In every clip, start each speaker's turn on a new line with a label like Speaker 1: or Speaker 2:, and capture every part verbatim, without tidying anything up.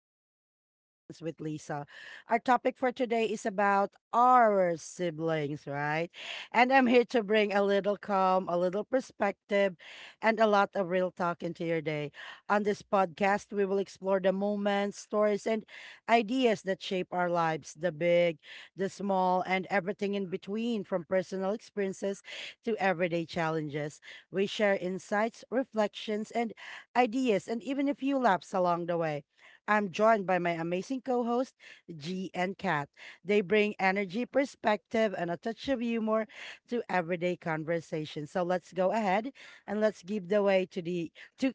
Speaker 1: Everyday Reflections with Lisa. Our topic for today is about our siblings, right? And I'm here to bring a little calm, a little perspective, and a lot of real talk into your day. On this podcast, we will explore the moments, stories, and ideas that shape our lives the big, the small, and everything in between, from personal experiences to everyday challenges. We share insights, reflections, and ideas, and even a few laughs along the way. I'm joined by my amazing co host, G and Kat. They bring energy, perspective, and a touch of humor to everyday conversation. So let's go ahead and let's give the way to the to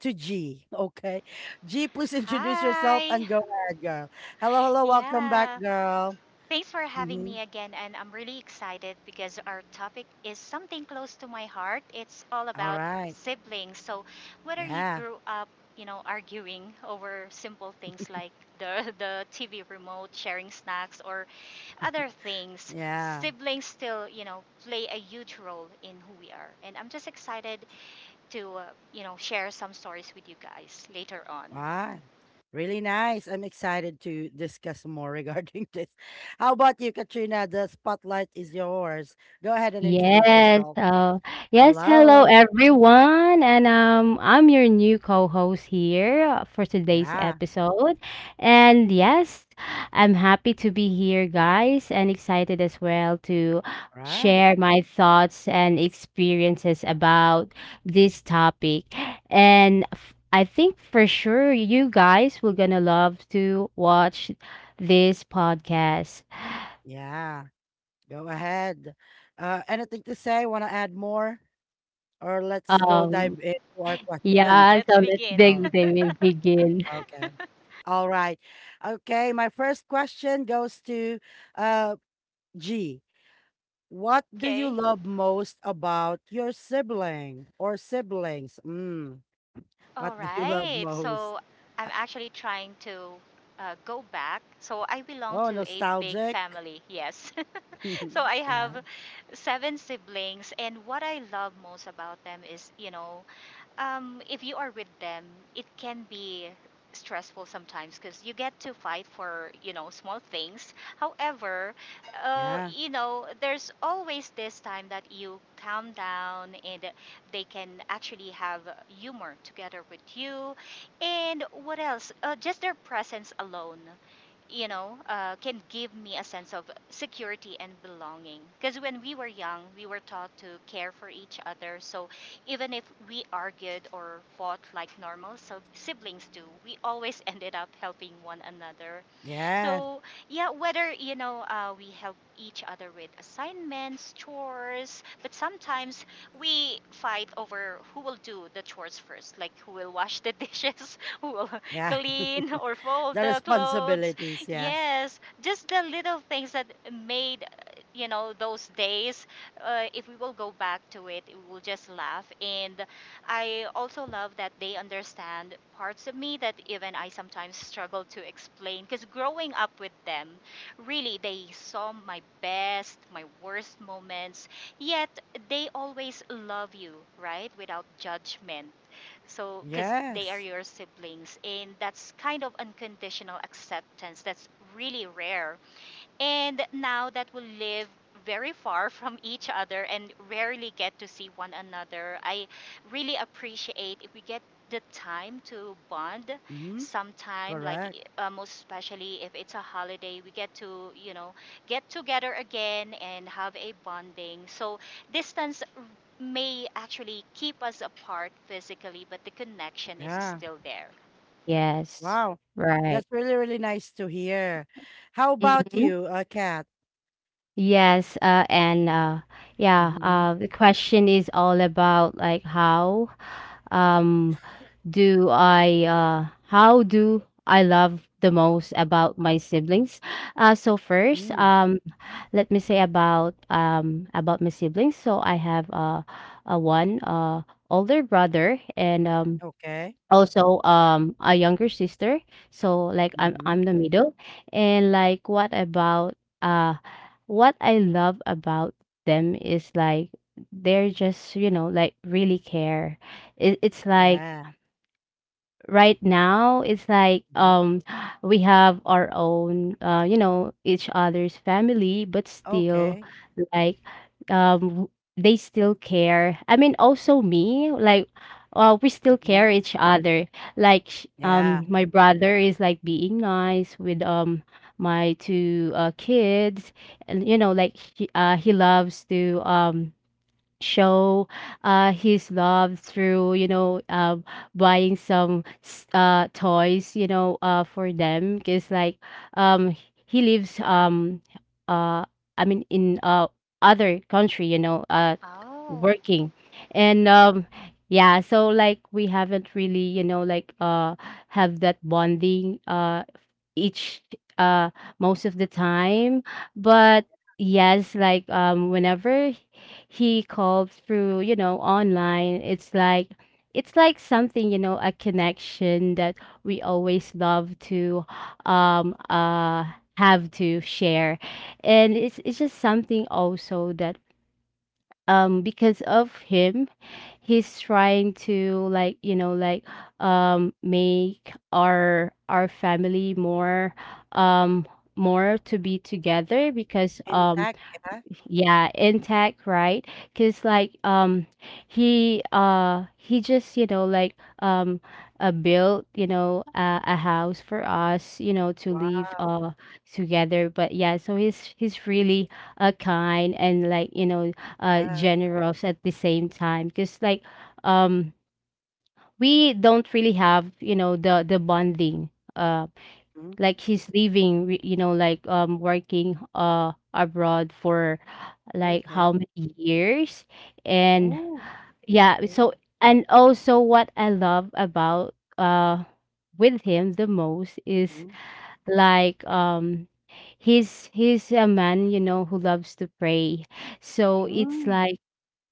Speaker 1: to G. Okay. G, please introduce yourself
Speaker 2: Hi.
Speaker 1: and go ahead, girl. Hello, hello, welcome back,
Speaker 2: Yeah.
Speaker 1: girl.
Speaker 2: Thanks for having
Speaker 1: Mhm.
Speaker 2: me again. And I'm really excited because our topic is something close to my heart. It's all
Speaker 1: All
Speaker 2: about
Speaker 1: right.
Speaker 2: siblings. So, whether you
Speaker 1: Yeah.
Speaker 2: grew up, you know, arguing over simple things like the, the T V remote, sharing snacks, or other things,
Speaker 1: Yeah.
Speaker 2: siblings still, you know, play a huge role in who we are. And I'm just excited to, uh, you know, share some stories with you guys later on.
Speaker 1: Wow, really nice. I'm excited to discuss more regarding this. How about you, Katrina? The spotlight is yours. Go ahead and introduce
Speaker 3: Yes.
Speaker 1: yourself.
Speaker 3: Uh, yes. Hello,
Speaker 1: Hello.
Speaker 3: everyone, and um, I'm your new co-host here uh, for today's
Speaker 1: Yeah,
Speaker 3: episode. And yes, I'm happy to be here, guys, and excited as well to
Speaker 1: right.
Speaker 3: share my thoughts and experiences about this topic. And f- I think for sure you guys will gonna love to watch this podcast.
Speaker 1: Yeah, go ahead. Uh, anything to say? Want to add more? Or let's go
Speaker 3: Um,
Speaker 1: dive into our
Speaker 2: Yeah,
Speaker 1: questions.
Speaker 3: Yeah,
Speaker 2: let's
Speaker 3: so let's
Speaker 2: begin.
Speaker 1: Oh,
Speaker 3: dig they will begin.
Speaker 1: okay. All right. Okay, my first question goes to uh, G. What do you
Speaker 2: Okay.
Speaker 1: love most about your sibling or siblings? Mm, what
Speaker 2: All
Speaker 1: do you love
Speaker 2: right.
Speaker 1: most?
Speaker 2: So I'm actually trying to uh, go back. So I belong
Speaker 1: Oh,
Speaker 2: to a big
Speaker 1: nostalgic.
Speaker 2: family. Yes. So I
Speaker 1: Yeah,
Speaker 2: have seven siblings, and what I love most about them is, you know, um, if you are with them, it can be stressful sometimes because you get to fight for you know small things. However, uh,
Speaker 1: yeah,
Speaker 2: you know there's always this time that you calm down and they can actually have humor together with you. And what else? Uh, just their presence alone, you know, uh, can give me a sense of security and belonging. Because when we were young, we were taught to care for each other. So even if we argued or fought like normal so siblings do, we always ended up helping one another.
Speaker 1: yeah,
Speaker 2: So, yeah, whether, you know, uh, we help each other with assignments, chores, but sometimes we fight over who will do the chores first, like who will wash the dishes, who will
Speaker 1: yeah.
Speaker 2: clean or fold
Speaker 1: The
Speaker 2: the clothes.
Speaker 1: responsibilities, yes.
Speaker 2: Yes, just the little things that made, uh, you know, those days, uh, if we will go back to it, we will just laugh. And I also love that they understand parts of me that even I sometimes struggle to explain. Because growing up with them, really, they saw my best, my worst moments. Yet they always love you, right? Without judgment. So, because they are
Speaker 1: Yes.
Speaker 2: your siblings, and that's kind of unconditional acceptance that's really rare. And now that we live very far from each other and rarely get to see one another, I really appreciate if we get the time to bond
Speaker 1: Mm-hmm.
Speaker 2: sometime, like,
Speaker 1: Correct.
Speaker 2: uh, most especially if it's a holiday, we get to, you know get together again and have a bonding. So distance r- may actually keep us apart physically, but the connection is
Speaker 1: Yeah.
Speaker 2: still there.
Speaker 3: Yes,
Speaker 1: Wow.
Speaker 3: right.
Speaker 1: That's really, really nice to hear. How about
Speaker 3: hmm
Speaker 1: you, uh, Kat?
Speaker 3: Yes, uh, and uh, yeah,
Speaker 1: Mm-hmm.
Speaker 3: uh, the question is all about like how um, do I uh, how do I love the most about my siblings? Uh, so first,
Speaker 1: Mm,
Speaker 3: um, let me say about um, about my siblings. So I have uh, a one uh, older brother, and um,
Speaker 1: okay.
Speaker 3: also um a younger sister, so like i'm
Speaker 1: Mm-hmm.
Speaker 3: i'm the middle. And like what about uh what I love about them is like they're just, you know, like really care. It, it's like
Speaker 1: Yeah.
Speaker 3: right now it's like
Speaker 1: Mm-hmm.
Speaker 3: um we have our own uh you know, each other's family, but still
Speaker 1: Okay.
Speaker 3: like um w- they still care. I mean also me, like uh, we still
Speaker 1: Mm-hmm.
Speaker 3: care each other. Like sh-
Speaker 1: Yeah.
Speaker 3: um my brother is like being nice with um my two uh, kids. And you know, like he, uh, he loves to um show uh, his love through, you know, uh, buying some s- uh, toys, you know, uh, for them, because like um, he lives um, uh, I mean in uh, other country, you know, uh,
Speaker 2: Oh.
Speaker 3: working. And um, yeah, so like we haven't really, you know, like uh, have that bonding uh, each uh most of the time. But yes, like um whenever he called through, you know, online, it's like it's like something, you know, a connection that we always love to um uh have to share. And it's it's just something also that um because of him, he's trying to like, you know, like um make our our family more um more to be together, because um
Speaker 1: Intact. Yeah.
Speaker 3: yeah, intact, right? Cause like um he uh he just, you know, like um uh, built, you know, uh, a house for us, you know, to live
Speaker 1: Wow,
Speaker 3: uh together. But yeah, so he's he's really uh kind and, like, you know, uh
Speaker 1: yes.
Speaker 3: generous at the same time. Cause like um we don't really have, you know, the the bonding. Um
Speaker 1: Mm,
Speaker 3: like he's leaving re- you know, like um working uh abroad for like
Speaker 1: okay.
Speaker 3: how many years. And
Speaker 1: Oh,
Speaker 3: yeah,
Speaker 1: okay.
Speaker 3: so and also what I love about uh with him the most is
Speaker 1: Mm,
Speaker 3: like um he's he's a man, you know, who loves to pray. So it's
Speaker 1: mm.
Speaker 3: like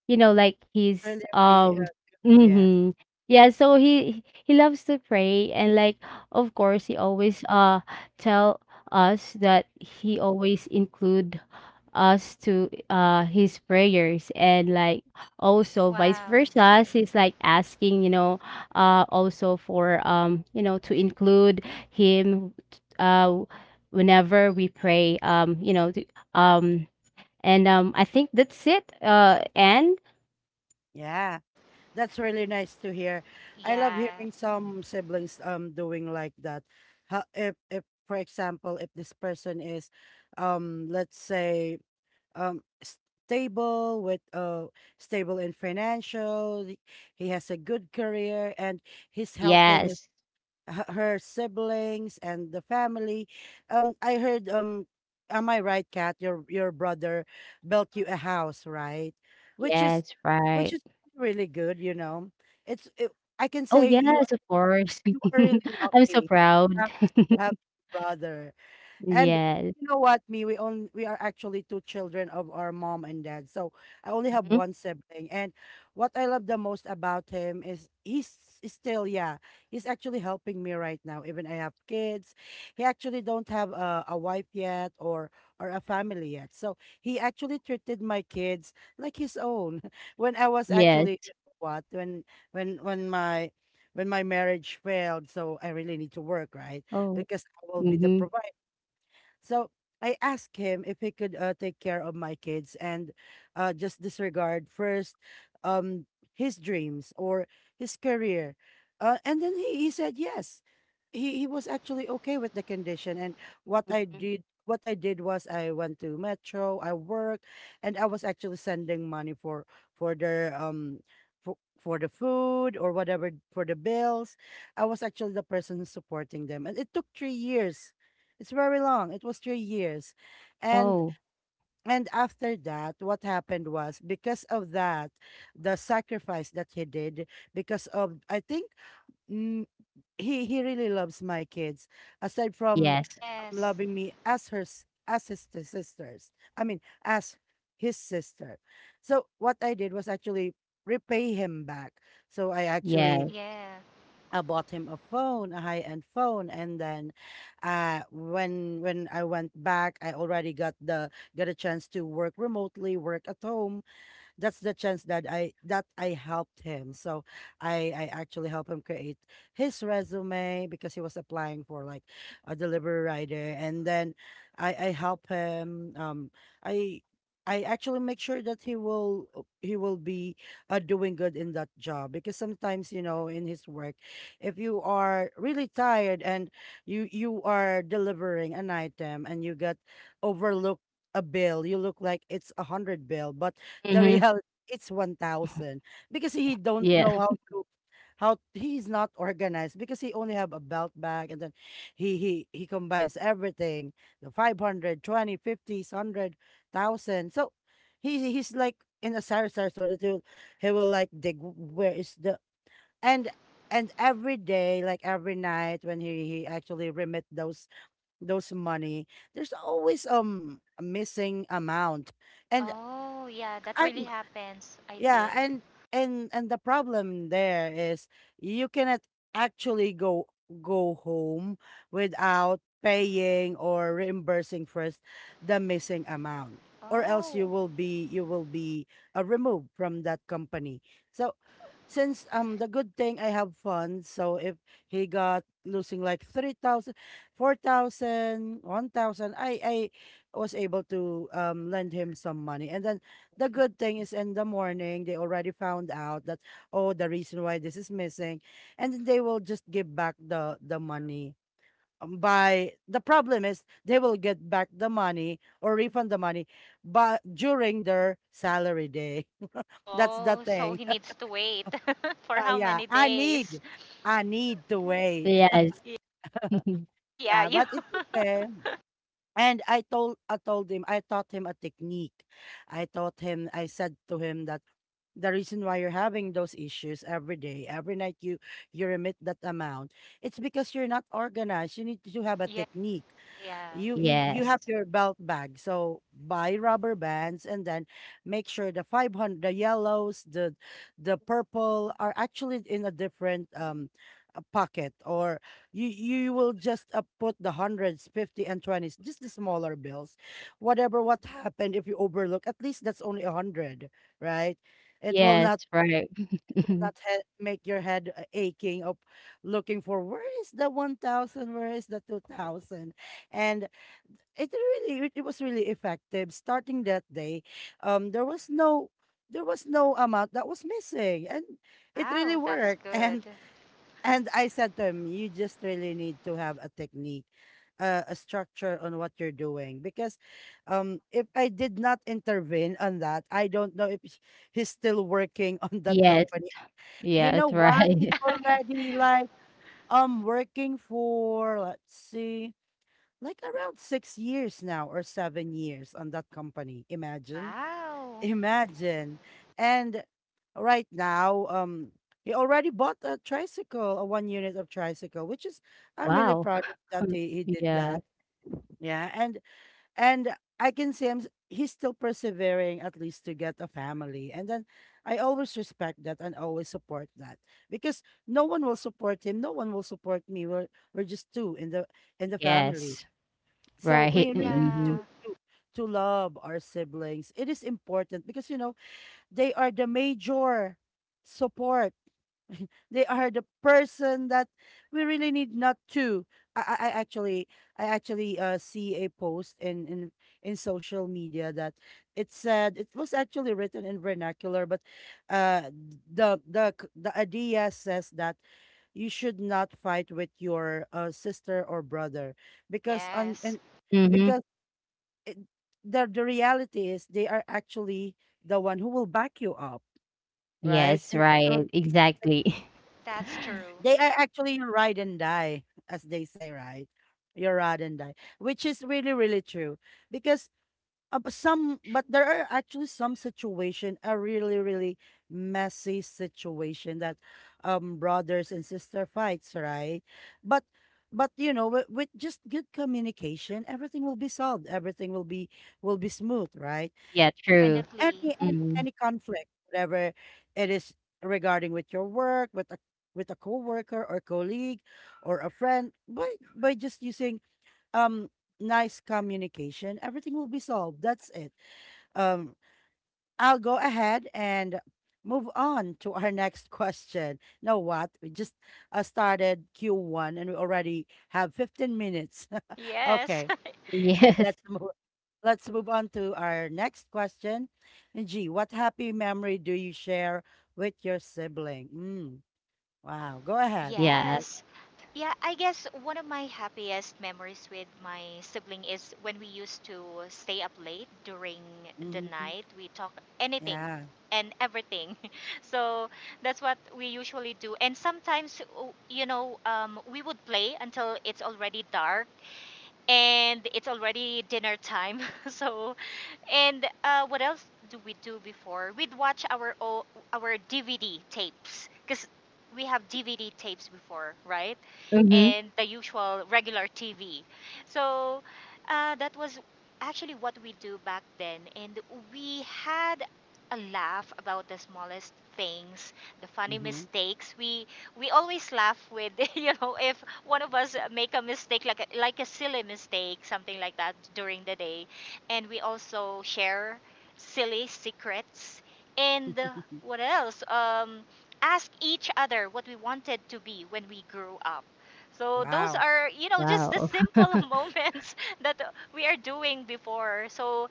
Speaker 3: you know like
Speaker 1: really,
Speaker 3: he's
Speaker 1: really, uh,
Speaker 3: um
Speaker 1: good. Yes.
Speaker 3: hmm yeah, so he he loves to pray. And like of course he always uh tell us that he always include us to uh his prayers. And like also vice
Speaker 2: Wow.
Speaker 3: versa, he's like asking, you know, uh also for um you know, to include him uh whenever we pray um you know, to, um and um I think that's it uh and
Speaker 1: Yeah. That's really nice to hear. I love
Speaker 2: Yeah.
Speaker 1: hearing some siblings um doing like that. How, if if for example, if this person is um let's say um stable with uh stable in financial, he has a good career and he's helping his
Speaker 3: Yes.
Speaker 1: h- her siblings and the family. Um, I heard um, am I right, Kat? Your your brother built you a house, right? Which is,
Speaker 3: Yes,
Speaker 1: which
Speaker 3: right.
Speaker 1: is really good. You know, it's it, I can
Speaker 3: Oh,
Speaker 1: say you are
Speaker 3: yes, of course.
Speaker 1: you are really
Speaker 3: I'm so
Speaker 1: lucky to
Speaker 3: proud.
Speaker 1: have, to have a brother. And
Speaker 3: Yes.
Speaker 1: you know what, me, we only we are actually two children of our mom and dad. So I only have
Speaker 3: Mhm.
Speaker 1: one sibling. And what I love the most about him is he's s- still, yeah, he's actually helping me right now. Even I have kids. He actually don't have a, a wife yet or or a family yet. So he actually treated my kids like his own. When I was
Speaker 3: Yes.
Speaker 1: actually you know what when when when my when my marriage failed, so I really need to work, right?
Speaker 3: Oh.
Speaker 1: Because I will be the
Speaker 3: Mhm.
Speaker 1: provider. So I asked him if he could uh, take care of my kids and uh, just disregard first um, his dreams or his career. Uh, and then he, he said yes. He, he was actually okay with the condition. And what I
Speaker 3: Mhm.
Speaker 1: did what I did was I went to Metro, I worked, and I was actually sending money for for their um for, for the food or whatever for the bills. I was actually the person who's supporting them. And it took three years it's very long. It was three years. And
Speaker 3: Oh,
Speaker 1: and after that, what happened was because of that, the sacrifice that he did, because of I think mm, he he really loves my kids aside from
Speaker 3: yes.
Speaker 1: um,
Speaker 2: Yes.
Speaker 1: loving me as her s- as his t- sisters I mean as his sister. So what I did was actually repay him back, so I actually
Speaker 3: Yes.
Speaker 2: Yeah.
Speaker 1: I bought him a phone, a high-end phone, and then uh when when I went back, I already got the got a chance to work remotely, work at home, that's the chance that I that I helped him. So I I actually helped him create his resume because he was applying for like a delivery rider, and then I I help him. Um, I. I actually make sure that he will uh, he will be uh, doing good in that job because sometimes you know in his work if you are really tired and you you are delivering an item and you get overlooked a bill. You look like it's a hundred bill but the
Speaker 3: Mhm.
Speaker 1: reality, it's one thousand because he don't
Speaker 3: Yeah.
Speaker 1: know how to how he's not organized because he only have a belt bag, and then he he he combines everything the 500 20 fifties, hundred, thousand. So he he's like in a sar sar sort of thing. He will like dig where is the and and every day like every night when he he actually remit those those money there's always um a missing amount. And
Speaker 2: Oh, yeah, that really
Speaker 1: I'm
Speaker 2: happens, I
Speaker 1: yeah,
Speaker 2: think.
Speaker 1: and and and the problem there is you cannot actually go go home without paying or reimbursing first the missing amount, or else you
Speaker 2: Oh.
Speaker 1: will be you will be uh, removed from that company. So since um the good thing I have funds, so if he got losing like three thousand, four thousand, one thousand, I I was able to um lend him some money, and then the good thing is in the morning they already found out that oh the reason why this is missing, and then they will just give back the the money. Um, by the problem is they will get back the money or refund the money but during their salary day. That's the
Speaker 2: Oh, so
Speaker 1: thing.
Speaker 2: he needs to wait for how
Speaker 1: Yeah,
Speaker 2: many
Speaker 1: i
Speaker 2: days?
Speaker 1: need I need to wait.
Speaker 3: Yes.
Speaker 2: Y- Oh, yeah,
Speaker 1: Yeah,
Speaker 2: you.
Speaker 1: but it's okay. And I told I told him I taught him a technique. I taught him I said to him that the reason why you're having those issues every day, every night you you remit that amount, it's because you're not organized. You need to have a
Speaker 2: Yeah,
Speaker 1: technique.
Speaker 2: yeah.
Speaker 1: You you you
Speaker 3: Yes.
Speaker 1: have your belt bag, so buy rubber bands and then make sure the five hundred the yellows the the purple are actually in a different um uh, pocket, or you you will just uh, put the hundreds fifty and twenties, just the smaller bills. Whatever what happened if you overlook, at least that's only a one hundred, right? It will
Speaker 3: Yes,
Speaker 1: not
Speaker 3: right.
Speaker 1: do not he- make your head uh, aching of looking for where is the one thousand, where is the two thousand. And it really it, it was really effective. Starting that day um there was no there was no amount that was missing. And it really
Speaker 2: Wow, that's
Speaker 1: worked.
Speaker 2: good.
Speaker 1: And and I said to him you just really need to have a technique, uh, a structure on what you're doing, because um if I did not intervene on that, I don't know if he's still working on that.
Speaker 3: Yes.
Speaker 1: You
Speaker 3: Yes,
Speaker 1: know what? It's
Speaker 2: Yeah.
Speaker 3: right.
Speaker 1: already like um working for let's see, like around six years now or seven years on that company. Imagine,
Speaker 2: Wow.
Speaker 1: imagine. And right now, um, he already bought a tricycle, a one unit of tricycle, which is I'm really
Speaker 3: Wow.
Speaker 1: proud of that he, he did
Speaker 3: Yeah.
Speaker 1: that. Yeah, and and I can see him. s- He's still persevering at least to get a family, and then I always respect that and always support that because no one will support him. No one will support me. We're we're just two in the in the family,
Speaker 3: Yes.
Speaker 1: so
Speaker 3: Right.
Speaker 1: we really need
Speaker 3: Mhm.
Speaker 2: Yeah.
Speaker 1: to to to love our siblings. It is important because you know they are the major support, they are the person that we really need not to. I, I I actually I actually uh, see a post in, in in social media that it said it was actually written in vernacular, but uh the the c- the idea says that you should not fight with your uh, sister or brother because on
Speaker 2: Yes,
Speaker 1: and
Speaker 3: Mhm.
Speaker 1: because it, the the reality is they are actually the one who will back you up, right?
Speaker 3: Yes,
Speaker 1: And through
Speaker 3: right. Exactly.
Speaker 2: that's true.
Speaker 1: They are actually your ride and die, as they say, right? Your ride and die, which is really, really true. Because uh, but some, but there are actually some situation, a really, really messy situation that um brothers and sister fights, right? But but you know, with, with just good communication, everything will be solved. Everything will be will be smooth, right?
Speaker 3: Yeah,
Speaker 1: Mm,
Speaker 3: true.
Speaker 2: Definitely.
Speaker 1: any, any
Speaker 3: Mm.
Speaker 1: any conflict, whatever it is regarding with your work, with a with a coworker or colleague or a friend, by by just using um nice communication, everything will be solved. That's it. Um, I'll go ahead and move on to our next question. Know what? We just uh, started Q one and we already have fifteen minutes.
Speaker 2: Yes.
Speaker 1: Okay.
Speaker 3: Yes.
Speaker 1: Let's move. Let's move on to our next question. G, what happy memory do you share with your sibling? Mm, wow. Go ahead.
Speaker 3: Yes.
Speaker 2: Yes. Yeah, I guess one of my happiest memories with my sibling is when we used to stay up late during the
Speaker 1: Hmm.
Speaker 2: night. We talk anything
Speaker 1: Yeah.
Speaker 2: and everything. So that's what we usually do. And sometimes, uh, you know, um, we would play until it's already dark and it's already dinner time. So, and uh, what else do we do before? We'd watch our o- our D V D tapes, because we have D V D tapes before, right?
Speaker 3: Mhm.
Speaker 2: And the usual regular T V. So uh, that was actually what we do back then, and we had a laugh about the smallest things, the funny
Speaker 1: Hmm.
Speaker 2: mistakes we we always laugh with, you know if one of us make a mistake, like a, like a silly mistake, something like that during the day. And we also share silly secrets, and uh, what else um ask each other what we wanted to be when we grew up. So those
Speaker 1: Wow.
Speaker 2: are, you know just the
Speaker 3: Wow.
Speaker 2: simple moments that, uh, we are doing before. So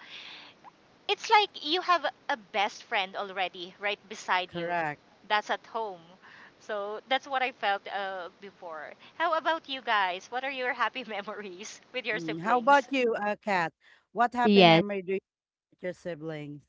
Speaker 2: it's like you have a best friend already right beside you,
Speaker 1: Correct.
Speaker 2: that's at home. So that's what I felt, uh, before. How about you guys, what are your happy memories with your
Speaker 1: Mm, how about
Speaker 2: siblings?
Speaker 1: you, uh, Kat? What happy
Speaker 3: Yes.
Speaker 1: memory do you have with your siblings?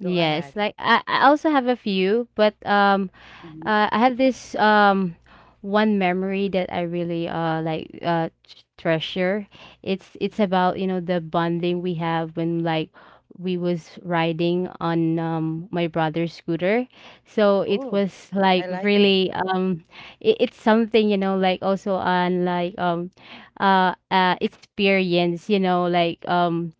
Speaker 1: Go ahead.
Speaker 3: Yes. Like I, I also have a few, but um
Speaker 1: Hmm.
Speaker 3: Uh, I have this um one memory that I really uh like uh t- treasure. It's it's about, you know, the bonding we have when like we was riding on um my brother's scooter. So it
Speaker 1: Oh,
Speaker 3: was
Speaker 1: I
Speaker 3: like
Speaker 1: like it.
Speaker 3: really um it, it's something, you know, like also on like um uh, uh experience, you know, like um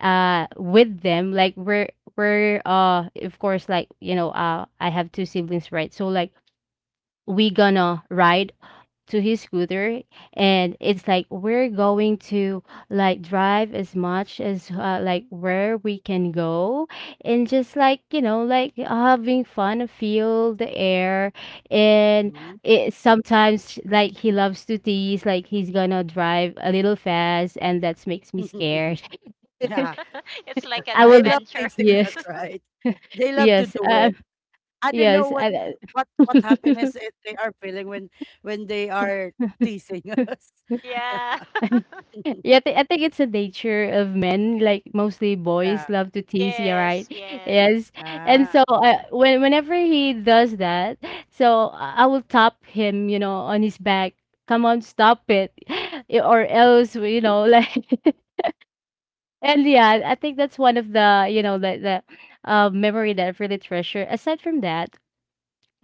Speaker 3: uh with them. Like we're we're uh of course, like, you know, uh I have two siblings, right? So like we gonna ride to his scooter, and it's like we're going to like drive as much as uh, like where we can go, and just like, you know, like having fun, feel the air. And
Speaker 1: Mhm.
Speaker 3: it sometimes like he loves to tease, like he's gonna drive a little fast, and that makes me scared.
Speaker 1: Yeah,
Speaker 2: It's like an
Speaker 3: I
Speaker 1: they
Speaker 3: will
Speaker 1: love to
Speaker 2: adventure.
Speaker 1: sing
Speaker 3: yes
Speaker 1: right? They love to
Speaker 3: yes
Speaker 1: do
Speaker 3: uh,
Speaker 1: it. I don't know
Speaker 3: yes
Speaker 1: what
Speaker 3: I,
Speaker 1: what what happiness it, they are feeling when when they are teasing us.
Speaker 2: Yeah.
Speaker 1: Yeah.
Speaker 3: Yeah, I I think it's the nature of men, like mostly boys
Speaker 1: Yeah.
Speaker 3: love to tease, yeah, right?
Speaker 2: Yes, yes.
Speaker 3: Yes. And so
Speaker 1: Ah.
Speaker 3: uh, when whenever he does that, so I I will tap him, you know, on his back. Come on, stop it. y- Or else, you know, like and yeah, I think that's one of the, you know, the the uh, memory that I really treasure. Aside from that,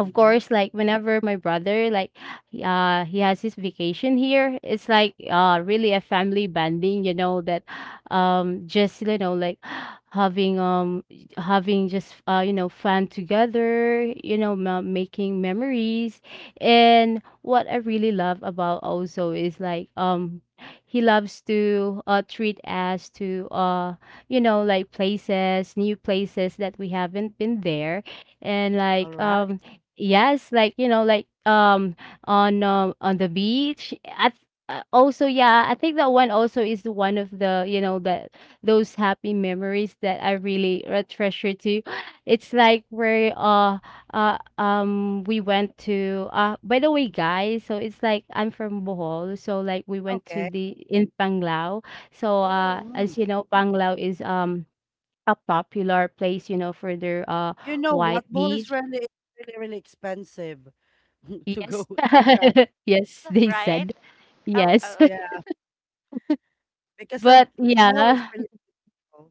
Speaker 3: of course, like whenever my brother like he- uh he has his vacation here, it's like uh really a family bonding, you know, that um just, you know, like having um having just uh you know, fun together, you know, ma- making memories. And what I really love about also is like um he loves to uh treat us to uh you know, like places, new places that we haven't been there. And
Speaker 1: All
Speaker 3: like
Speaker 1: right.
Speaker 3: um Yes, like, you know, like um on um on the beach. At uh, also yeah, I think that one also is one of the, you know, that those happy memories that I really uh, treasure too. It's like where uh uh um we went to uh by the way, guys, so it's like I'm from Bohol, so like we went to
Speaker 1: Okay.
Speaker 3: the in Panglao. So uh
Speaker 2: Oh,
Speaker 1: Mm.
Speaker 3: as you know, Panglao is um a popular place, you know, for their uh
Speaker 1: You know
Speaker 3: white
Speaker 1: what? Bohol is
Speaker 3: beach.
Speaker 1: really really really expensive
Speaker 2: I'm sorry.
Speaker 1: to go
Speaker 3: Yes.
Speaker 2: Yeah,
Speaker 1: to
Speaker 2: you're
Speaker 1: travel.
Speaker 2: in
Speaker 3: Yes,
Speaker 2: Bohol,
Speaker 3: they
Speaker 2: right?
Speaker 3: said.
Speaker 2: Oh,
Speaker 3: Yes.
Speaker 2: oh,
Speaker 1: Yeah,
Speaker 2: okay.
Speaker 1: because of
Speaker 3: But
Speaker 1: Bohol is
Speaker 3: yeah.
Speaker 1: really cool.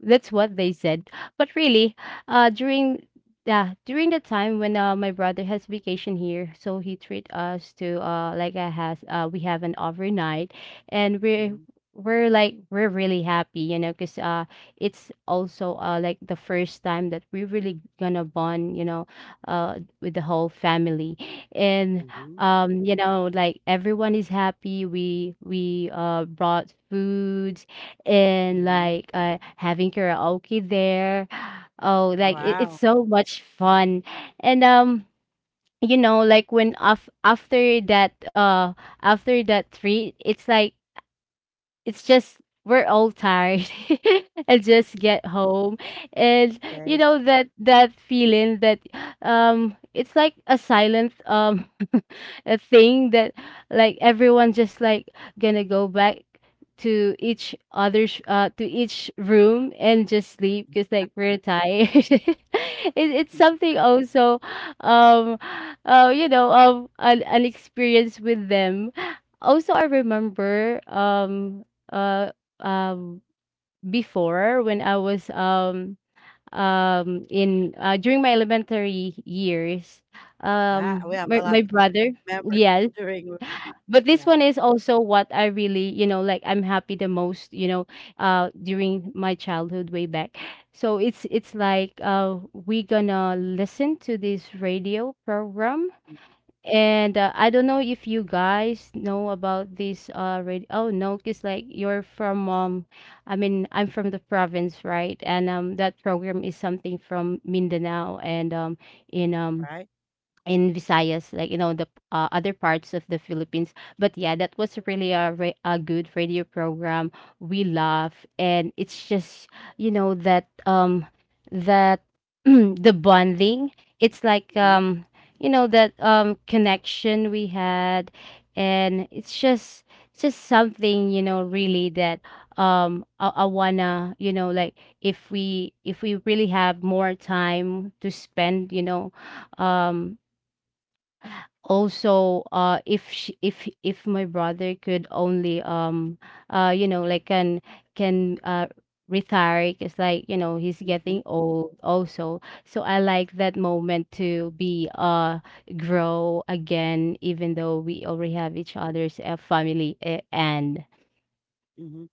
Speaker 3: That's what they said. But really, uh, during yeah, during the time when uh, my brother has vacation here, so he treat us to uh like a has uh we have an overnight, and we're
Speaker 1: Mm.
Speaker 3: we're like we're really happy, you know, cause uh it's also uh like the first time that we really gonna bond, you know, uh with the whole family. And
Speaker 1: Mm-hmm.
Speaker 3: um you know, like everyone is happy. We we uh brought food, and
Speaker 1: Mm-hmm.
Speaker 3: like uh, having karaoke there. Oh, like it, it's
Speaker 1: Wow.
Speaker 3: so much fun. And um, you know, like when af- after that uh after that treat, it's like it's just we're all tired and just get home. And you
Speaker 1: Okay.
Speaker 3: know that that feeling that um it's like a silent um a thing that like everyone just like gonna go back to each other's uh to each room and just sleep because like we're tired. it, it's something also um uh you know, um an, an experience with them. Also I remember um uh, um, before when I was um, um, in uh, during my elementary years.
Speaker 1: Yeah,
Speaker 3: Um,
Speaker 1: we have
Speaker 3: my,
Speaker 1: a
Speaker 3: my
Speaker 1: lot of
Speaker 3: brother,
Speaker 1: members
Speaker 3: yes.
Speaker 1: during work.
Speaker 3: But this
Speaker 1: Yeah.
Speaker 3: one is also what I really, you know, like I'm happy the most, you know, uh, during my childhood way back. So it's it's like uh, we gonna listen to this radio program. And uh, I don't know if you guys know about this uh radio. Oh no, it's like you're from um, I mean, I'm from the province, right? And um that program is something from Mindanao and um in um
Speaker 1: Right.
Speaker 3: in Visayas, like, you know, the uh, other parts of the Philippines. But yeah, that was really a ra- a good radio program. We laugh, and it's just you know that um that the bonding. It's like
Speaker 1: Mm-hmm.
Speaker 3: um you know that um connection we had, and it's just it's just something you know really that um I, I wanna, you know, like if we if we really have more time to spend, you know, um also uh if she, if if my brother could only um uh you know, like can can uh retire, it's like you know he's
Speaker 1: Mhm,
Speaker 3: getting old also. So I like that moment to be uh grow again, even though we already have each other's uh, family uh, and
Speaker 1: mhm.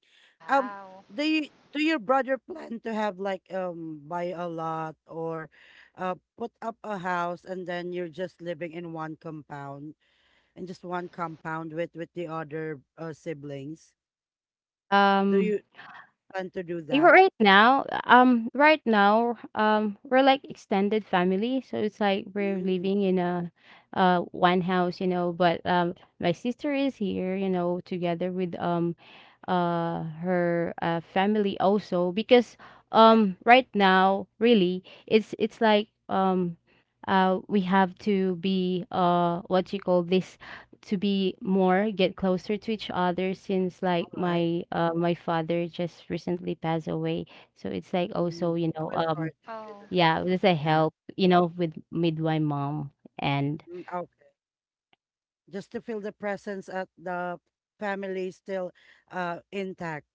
Speaker 1: Um,
Speaker 2: Wow.
Speaker 1: do you do your brother plan to have, like, um buy a lot, or uh put up a house, and then you're just living in one compound, and just one compound with with the other uh, siblings? Do
Speaker 3: um
Speaker 1: you plan to do
Speaker 3: Eh,
Speaker 1: that?
Speaker 3: right now, um, right now, um, we're like extended family, so it's like we're
Speaker 1: Mm,
Speaker 3: living in a, uh, one house, you know. But um, my sister is here, you know, together with um, uh, her uh, family also, because
Speaker 1: okay,
Speaker 3: um, right now, really, it's it's like um, uh, we have to be uh, what you call this, to be more, get closer to each other, since like
Speaker 1: all right.
Speaker 3: my uh my father just recently passed away. So it's like also
Speaker 1: Mm,
Speaker 3: you know
Speaker 1: I'm sorry
Speaker 3: um
Speaker 1: to hear
Speaker 2: Oh,
Speaker 1: that.
Speaker 3: yeah, there's a
Speaker 1: Yeah.
Speaker 3: help, you know, with with my mom. And
Speaker 1: Mm, okay. Just to feel the presence at the family still uh intact,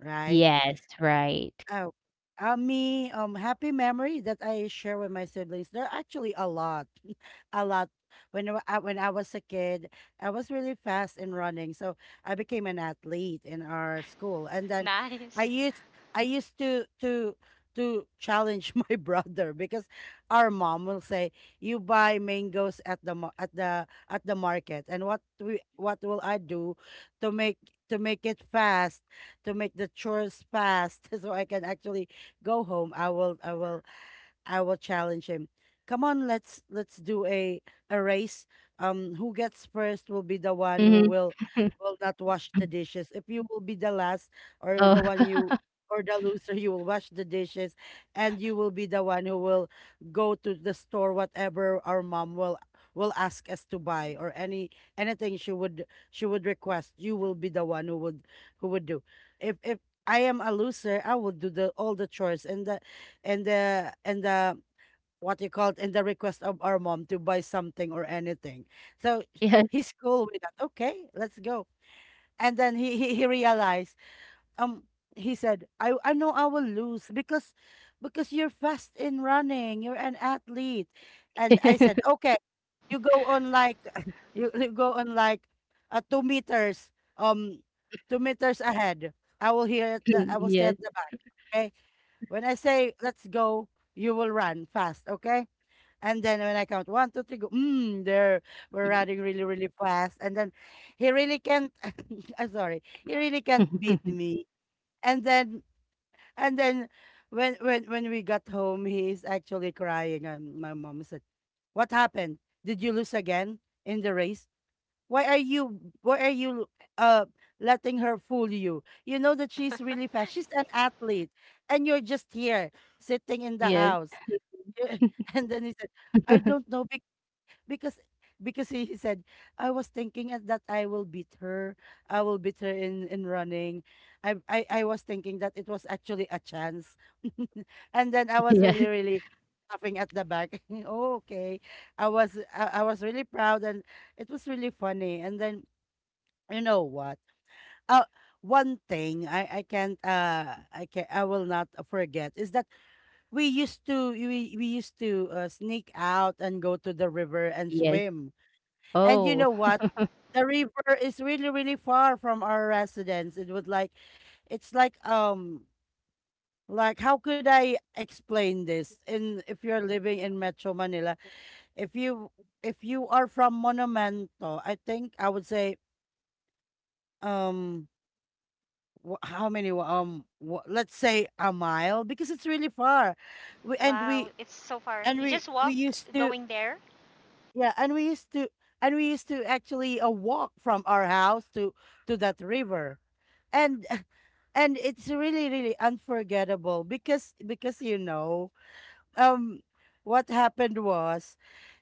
Speaker 1: right?
Speaker 3: yes, right.
Speaker 1: Oh, uh, me, um, happy memory that I share with my siblings. There are actually a lot, a lot. When I, wa- uh, when I was a kid, I was really fast in running, so I became an athlete in our school. And then I
Speaker 2: nice.
Speaker 1: used I used to to to challenge my brother, because our mom will say, "You buy mangoes at the ma- at the at the market." And what we what will I do to make to make it fast? To make the chores fast so I can actually go home, I will I will I will challenge him. Come on, let's let's do a a race. Um, who gets first will be the one who
Speaker 3: hmm
Speaker 1: will will not wash the dishes. If you will be the last or the one
Speaker 3: oh
Speaker 1: you or the loser, you will wash the dishes, and you will be the one who will go to the store whatever our mom will will ask us to buy, or any anything she would she would request. You will be the one who would who would do, if if I am a loser, I will do the all the chores, and the and the and the what you call it, and the request of our mom to buy something or anything. So
Speaker 3: yes
Speaker 1: he's cool with that. Okay, let's go. And then he he, he realized. Um, he said, I I know I will lose, because because you're fast in running. You're an athlete.
Speaker 2: Yes.
Speaker 1: And I said, okay, you, go on like you, you go on like uh, two meters, um two meters ahead. I will hear at the i will stay
Speaker 3: yes
Speaker 1: at the back. Okay, when I say let's go, you will run fast. Okay, and then when I count one, two, three, go, mm, there we're running really really fast, and then he really can't. I'm sorry, he really can't beat me. And then and then when when when we got home, he's actually crying, and my mom said, what happened? Did you lose again in the race? Why are you why are you uh letting her fool you? You know that she's really fast. She's an athlete, and you're just here sitting in the
Speaker 3: yes yes
Speaker 1: house. And then he said, I don't know, because because he he said, I was thinking at that I will beat her. I will beat her in in running. I I I was thinking that it was actually a chance. And then I was really really laughing at the back. Oh, okay. I was I, I was really proud, and it was really funny. And then you know what? Uh one thing I I can't uh I can I will not forget is that we used to we we used to uh, sneak out and go to the river and
Speaker 3: yes
Speaker 1: swim. And you
Speaker 3: oh
Speaker 1: know what? The river is really, really far from our residence. It would like it's like um like, how could I explain this? In If you're living in Metro Manila, if you if you are from Monumento, I think I would say, um wh- how many, um wh- let's say a mile, because it's really far. We and
Speaker 2: Wow,
Speaker 1: we
Speaker 2: it's so far.
Speaker 1: and
Speaker 2: You
Speaker 1: we
Speaker 2: just
Speaker 1: we
Speaker 2: walk
Speaker 1: used to
Speaker 2: going there?
Speaker 1: Yeah, and we used to and we used to actually uh, walk from our house to to that river. And and it's really really unforgettable, because because you know, um what happened was,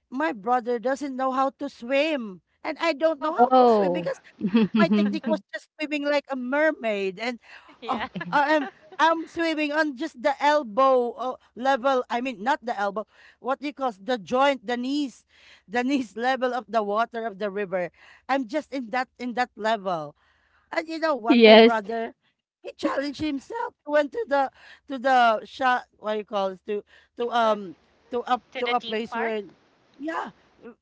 Speaker 1: my brother doesn't know how to swim, and I don't know how
Speaker 2: Oh.
Speaker 1: to swim,
Speaker 3: oh
Speaker 1: because my technique was just swimming like a mermaid. And
Speaker 2: Yeah.
Speaker 1: oh, I- am I'm swimming on just the elbow uh, level. I mean, not the elbow. What do you call, s- the joint, the knees, the knees level of the water of the river. I'm just in that in that level. And you know what, my
Speaker 3: yes
Speaker 1: brother, he challenged himself. He went to the to the shot. What do you call it? To to
Speaker 2: Deep.
Speaker 1: um to up
Speaker 2: To
Speaker 1: to
Speaker 2: the
Speaker 1: a
Speaker 2: deep
Speaker 1: place
Speaker 2: part?
Speaker 1: where, yeah,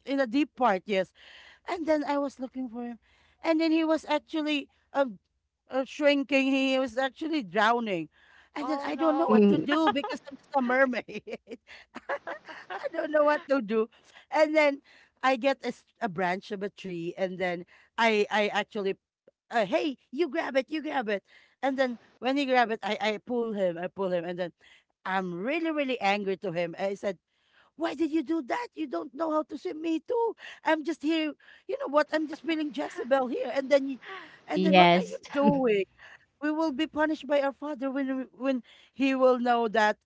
Speaker 1: in a deep part. Yes, and then I was looking for him. And then he was actually uh, uh, shrinking. He was actually drowning. And then
Speaker 2: Oh,
Speaker 1: I don't know
Speaker 2: no.
Speaker 1: what to
Speaker 3: Mm,
Speaker 1: do,
Speaker 2: What?
Speaker 1: because I'm just a mermaid. I don't know what to do. And then I get a, s- a branch of a tree. And then I, I actually, uh, hey, you grab it, you grab it. And then when he grab it, I, I pull him, I pull him. And then I'm really, really angry to him. I said, why did you do that? You don't know how to swim. Me too. I'm just here. You know what? I'm just feeling Jezebel here. And then, y- and then, what are you
Speaker 3: yes
Speaker 1: doing? We will be punished by our father when we- when he will know that,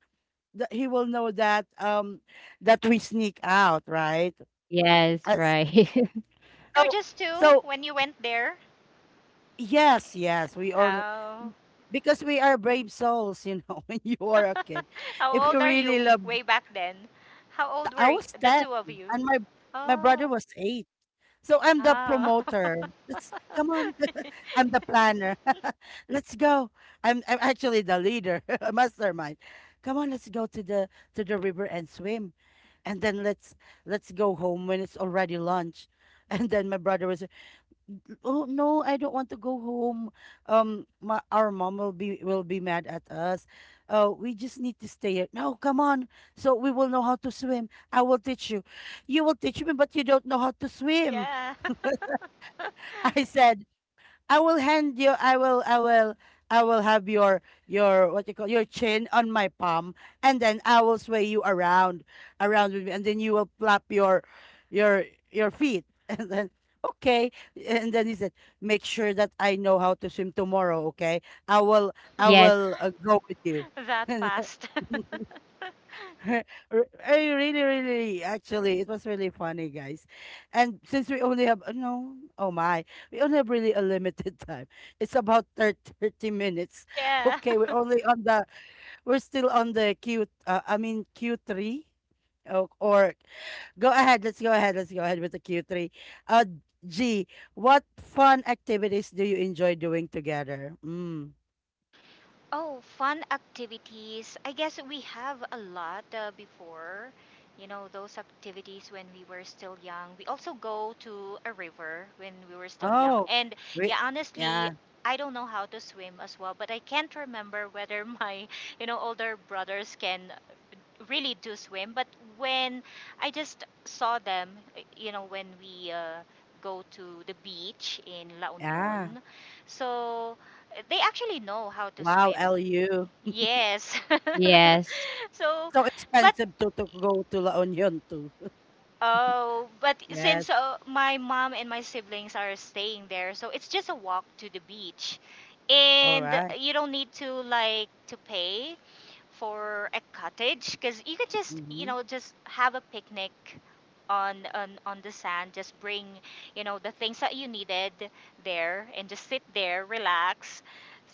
Speaker 1: that he will know that um that we sneak out, right?
Speaker 3: yes
Speaker 1: Uh, s-
Speaker 3: right
Speaker 1: so
Speaker 2: You're just two
Speaker 1: so
Speaker 2: when you went there?
Speaker 1: yes, yes, we are n-
Speaker 2: Oh.
Speaker 1: because we are brave souls, you know, when you are a kid.
Speaker 2: How
Speaker 1: If
Speaker 2: old
Speaker 1: you
Speaker 2: are
Speaker 1: really
Speaker 2: you
Speaker 1: love,
Speaker 2: way back then? How old
Speaker 1: I
Speaker 2: were y-
Speaker 1: was
Speaker 2: the
Speaker 1: ten,
Speaker 2: two of you?
Speaker 1: and my my
Speaker 2: Oh.
Speaker 1: brother was eight. So I'm the
Speaker 2: Ah.
Speaker 1: promoter. Let's come on. I'm the planner. Let's go. I'm I'm actually the leader, a mastermind. Come on, let's go to the to the river and swim, and then let's let's go home when it's already lunch. And then my brother was, oh no, I don't want to go home. Um, my, our mom will be will be mad at us. Uh, we just need to stay here. No, come on. So we will know how to swim. I will teach you. You will teach me, but you don't know how to swim.
Speaker 2: Yeah.
Speaker 1: I said, I will hand you. I will. I will. I will have your your what you call your chin on my palm, and then I will sway you around, around with me, and then you will flap your your your feet, and then, okay, and then he said, make sure that I know how to swim tomorrow. Okay, I will. I
Speaker 3: yes
Speaker 1: will uh, go with you.
Speaker 2: That fast.
Speaker 1: Re- I really, really, actually, it was really funny, guys. And since we only have, uh, no, oh my, we only have really a limited time. It's about thir- thirty minutes.
Speaker 2: Yeah.
Speaker 1: Okay, we're only on the, we're still on the Q, uh, I mean, Q three. Or, or go ahead, let's go ahead, let's go ahead with the Q three. Uh, G, what fun activities do you enjoy doing together? Mm.
Speaker 2: Oh, fun activities. I guess we have a lot, uh, before. You know, those activities when we were still young. We also go to a river when we were still young.
Speaker 1: Oh,
Speaker 2: And
Speaker 1: we,
Speaker 2: yeah, honestly,
Speaker 1: yeah,
Speaker 2: I don't know how to swim as well, but I can't remember whether my, you know, older brothers can really do swim. But when I just saw them, uh, you know, when we, uh, go to the beach in La
Speaker 1: yeah.
Speaker 2: Union, so eh, they actually know how to
Speaker 1: Wow,
Speaker 2: swim.
Speaker 1: L U.
Speaker 2: Yes.
Speaker 3: yes
Speaker 2: So,
Speaker 1: So
Speaker 2: but
Speaker 1: expensive to to go to La Union too.
Speaker 2: oh, but since
Speaker 1: Yes.
Speaker 2: uh, my mom and my siblings are staying there, so it's just a walk to the beach.
Speaker 1: All
Speaker 2: And
Speaker 1: right.
Speaker 2: you don't need to like to pay for a cottage, because you could just, you
Speaker 1: Mm-hmm.
Speaker 2: know just have a picnic on, on on the sand, just bring, you know the things that you needed there, and just sit there, relax.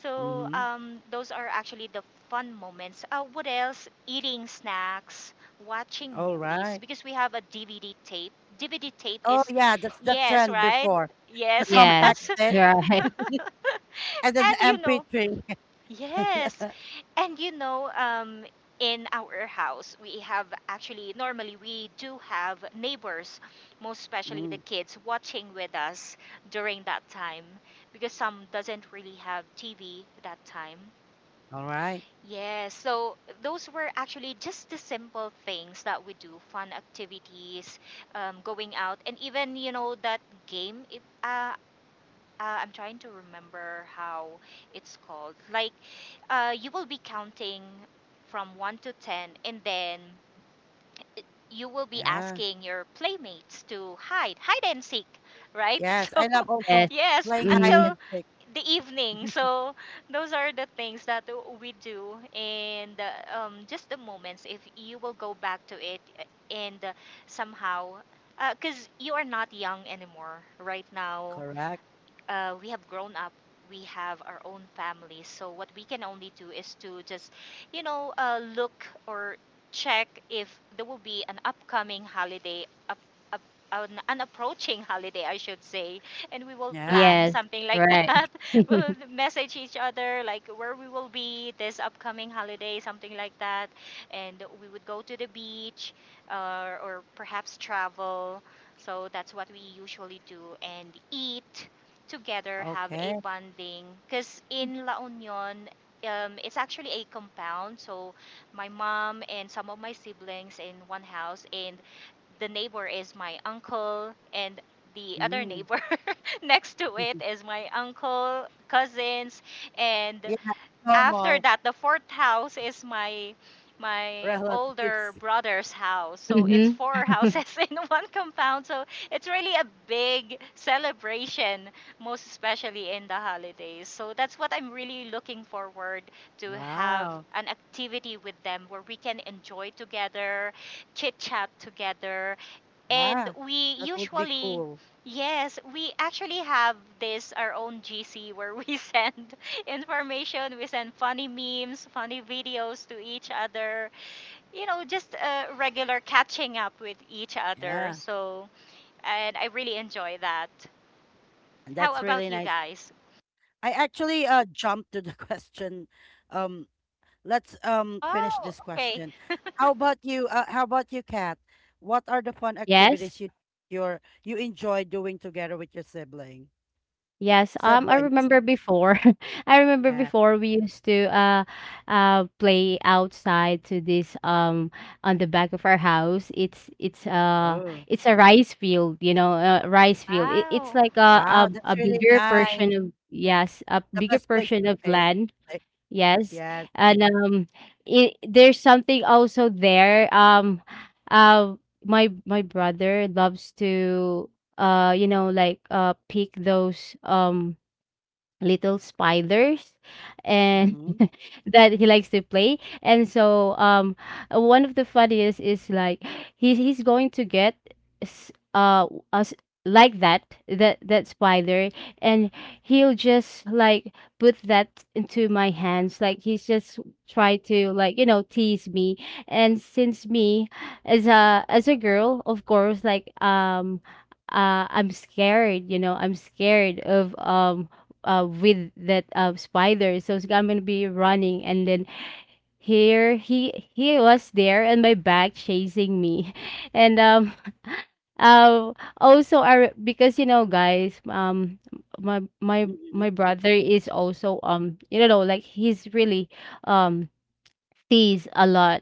Speaker 2: So
Speaker 1: Mm-hmm.
Speaker 2: um, those are actually the fun moments, uh, what else eating snacks, watching
Speaker 1: All
Speaker 2: movies
Speaker 1: right.
Speaker 2: because we have a DVD tape. DVD tape
Speaker 1: Oh
Speaker 2: is,
Speaker 1: yeah, that's the
Speaker 2: yes,
Speaker 1: trend
Speaker 2: right.
Speaker 1: before. The
Speaker 2: Yes.
Speaker 3: Yes,
Speaker 1: compact
Speaker 2: That's and
Speaker 1: disc,
Speaker 3: right,
Speaker 1: and then the
Speaker 2: you know
Speaker 1: M P three.
Speaker 2: yes. And you know, um, in our house, we have actually, normally we do have neighbors, most especially the
Speaker 1: Mm.
Speaker 2: kids, watching with us during that time, because some doesn't really have T V that time.
Speaker 1: All right.
Speaker 2: Yes, so those were actually just the simple things that we do, fun activities, um, going out, and even you know that game. If uh, uh, I'm trying to remember how it's called. Like, uh, you will be counting from one to ten, and then you will be
Speaker 1: Yeah.
Speaker 2: asking your playmates to hide, hide and seek, right?
Speaker 1: Yes. I
Speaker 2: So,
Speaker 1: love also
Speaker 3: yes.
Speaker 2: yes,
Speaker 1: playing hide
Speaker 3: Mhm,
Speaker 2: until
Speaker 1: and seek.
Speaker 2: the evening. So, those are the things that we do, and uh, um, just the moments, if you will go back to it, uh, and uh, somehow. Because you are not young anymore right now,
Speaker 1: Correct.
Speaker 2: uh, we have grown up, we have our own families, so what we can only do is to just, you know uh, look or check if there will be an upcoming holiday, up, up, an, an approaching holiday I should say, and we will
Speaker 1: Yeah.
Speaker 2: plan
Speaker 3: yes,
Speaker 2: something like
Speaker 3: right.
Speaker 2: that. We'll message each other like where we will be this upcoming holiday, something like that, and we would go to the beach, uh, or perhaps travel. So that's what we usually do, and eat together, have a
Speaker 1: Okay.
Speaker 2: bonding, because in La Union, um, it's actually a compound. So my mom and some of my siblings in one house, and the neighbor is my uncle, and the other
Speaker 1: Mm.
Speaker 2: neighbor, next to it is my uncle cousins, and
Speaker 1: Yeah.
Speaker 2: after
Speaker 1: Normal
Speaker 2: that the fourth house is my, my older
Speaker 1: relatives.
Speaker 2: brother's house. So it's
Speaker 3: Mhm.
Speaker 2: four houses in one compound. So it's really a big celebration, most especially in the holidays. So that's what I'm really looking forward, to have
Speaker 1: Wow.
Speaker 2: an activity with them where we can enjoy together, chit chat together. And
Speaker 1: Yeah.
Speaker 2: we
Speaker 1: That would be
Speaker 2: usually,
Speaker 1: cool.
Speaker 2: yes, we actually have this our own G C where we send information, we send funny memes, funny videos to each other, you know just, uh, regular catching up with each other.
Speaker 1: Yeah.
Speaker 2: So, and I really enjoy that. How
Speaker 1: That's
Speaker 2: about
Speaker 1: really
Speaker 2: you
Speaker 1: nice.
Speaker 2: guys?
Speaker 1: I actually uh jumped to the question. Um, let's um finish
Speaker 2: Oh,
Speaker 1: this
Speaker 2: okay.
Speaker 1: question. How about you? Uh, how about you, Kat? What are the fun
Speaker 3: Yes,
Speaker 1: activities you your you enjoy doing together with your sibling
Speaker 3: yes, um, I
Speaker 1: siblings?
Speaker 3: remember before I remember
Speaker 1: Kat.
Speaker 3: before we used to, uh, uh, play outside to this, um on the back of our house. It's it's uh
Speaker 1: Oh,
Speaker 3: it's a rice field, you know, a rice field. It it's
Speaker 2: Wow.
Speaker 3: like a
Speaker 1: wow,
Speaker 3: a
Speaker 1: that's
Speaker 3: a
Speaker 1: really
Speaker 3: bigger
Speaker 1: nice.
Speaker 3: portion of, yes, a
Speaker 1: The
Speaker 3: bigger
Speaker 1: best place
Speaker 3: portion
Speaker 1: to
Speaker 3: of
Speaker 1: play.
Speaker 3: land.
Speaker 1: Like,
Speaker 3: Yes.
Speaker 1: yes.
Speaker 3: And um it, there's something also there. Um uh my my brother loves to uh you know, like, uh pick those um little spiders, and
Speaker 1: Mm-hmm.
Speaker 3: that he likes to play. And so um one of the funniest is, like, he, he's going to get s- uh us, like, that that that spider, and he'll just, like, put that into my hands, like he's just try to, like, you know, tease me. And since me, as a as a girl, of course, like, um uh, I'm scared, you know, I'm scared of um uh, with that uh, spider. So it's- I'm gonna be running, and then here he he was there and my back chasing me, and um uh, also, our, because, you know, guys, um my my
Speaker 1: Mm-hmm.
Speaker 3: my brother is also, um you know, like, he's really um sees a lot.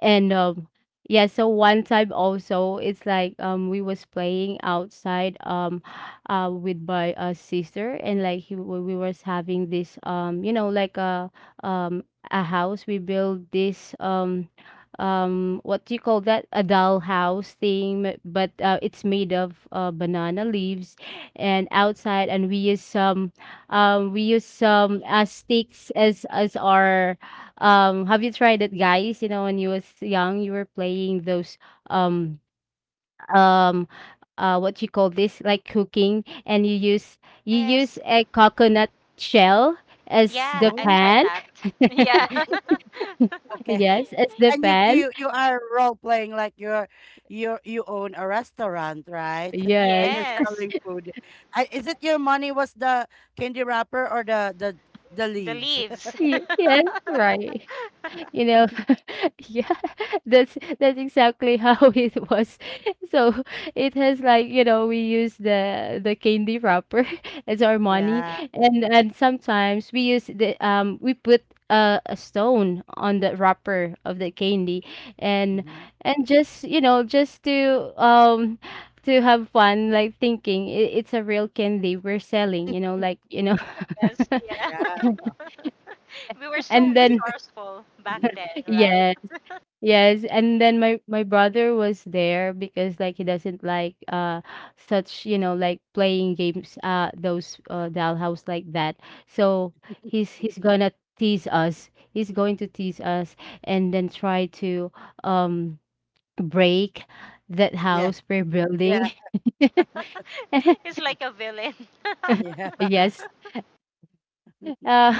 Speaker 3: And um yeah, so one time also, it's like, um we was playing outside, um uh with my uh, sister, and, like, he, we we was having this, um you know, like, a um a house. We build this um um what do you call that, a doll house thing, but uh, it's made of uh, banana leaves and outside. And we use some um we use some uh, sticks as as our um, have you tried it, guys? You know, when you was young, you were playing those um um uh what you call this, like, cooking, and you use you use
Speaker 2: Yes.
Speaker 3: a coconut shell as
Speaker 2: Yeah,
Speaker 3: the
Speaker 2: I've
Speaker 1: Oh,
Speaker 2: tried
Speaker 3: pan.
Speaker 2: that. Yeah.
Speaker 1: okay.
Speaker 3: Yes, as the
Speaker 1: And you
Speaker 3: pan.
Speaker 1: you you are role playing like you're you you own a restaurant, right? And you're
Speaker 3: Yes.
Speaker 2: Yes.
Speaker 1: selling food. I, is it your money was the candy wrapper or the the the
Speaker 2: The
Speaker 1: leaves?
Speaker 2: leaves.
Speaker 3: Ye- Yes, right. You know, yeah, that's that's exactly how it was. So it has, like, you know, we use the the candy wrapper as our money.
Speaker 1: Yeah.
Speaker 3: And and sometimes we use the um we put a, a stone on the wrapper of the candy, and
Speaker 1: Hmm.
Speaker 3: and just, you know, just to um to have fun, like, thinking, it, it's a real candy we're selling, you know, like, you know.
Speaker 2: Yes, yeah.
Speaker 1: Yeah.
Speaker 2: We were so
Speaker 3: And then,
Speaker 1: Because,
Speaker 2: resourceful back then, right?
Speaker 3: yes. Yes, and then my my brother was there, because, like, he doesn't like uh such, you know, like, playing games, uh those uh dollhouse, like that. So he's he's gonna tease us. He's going to tease us, and then try to um break that
Speaker 1: yeah.
Speaker 3: house we're
Speaker 1: Yeah.
Speaker 3: building.
Speaker 2: It's like a villain.
Speaker 1: Yeah.
Speaker 3: Yes. Uh,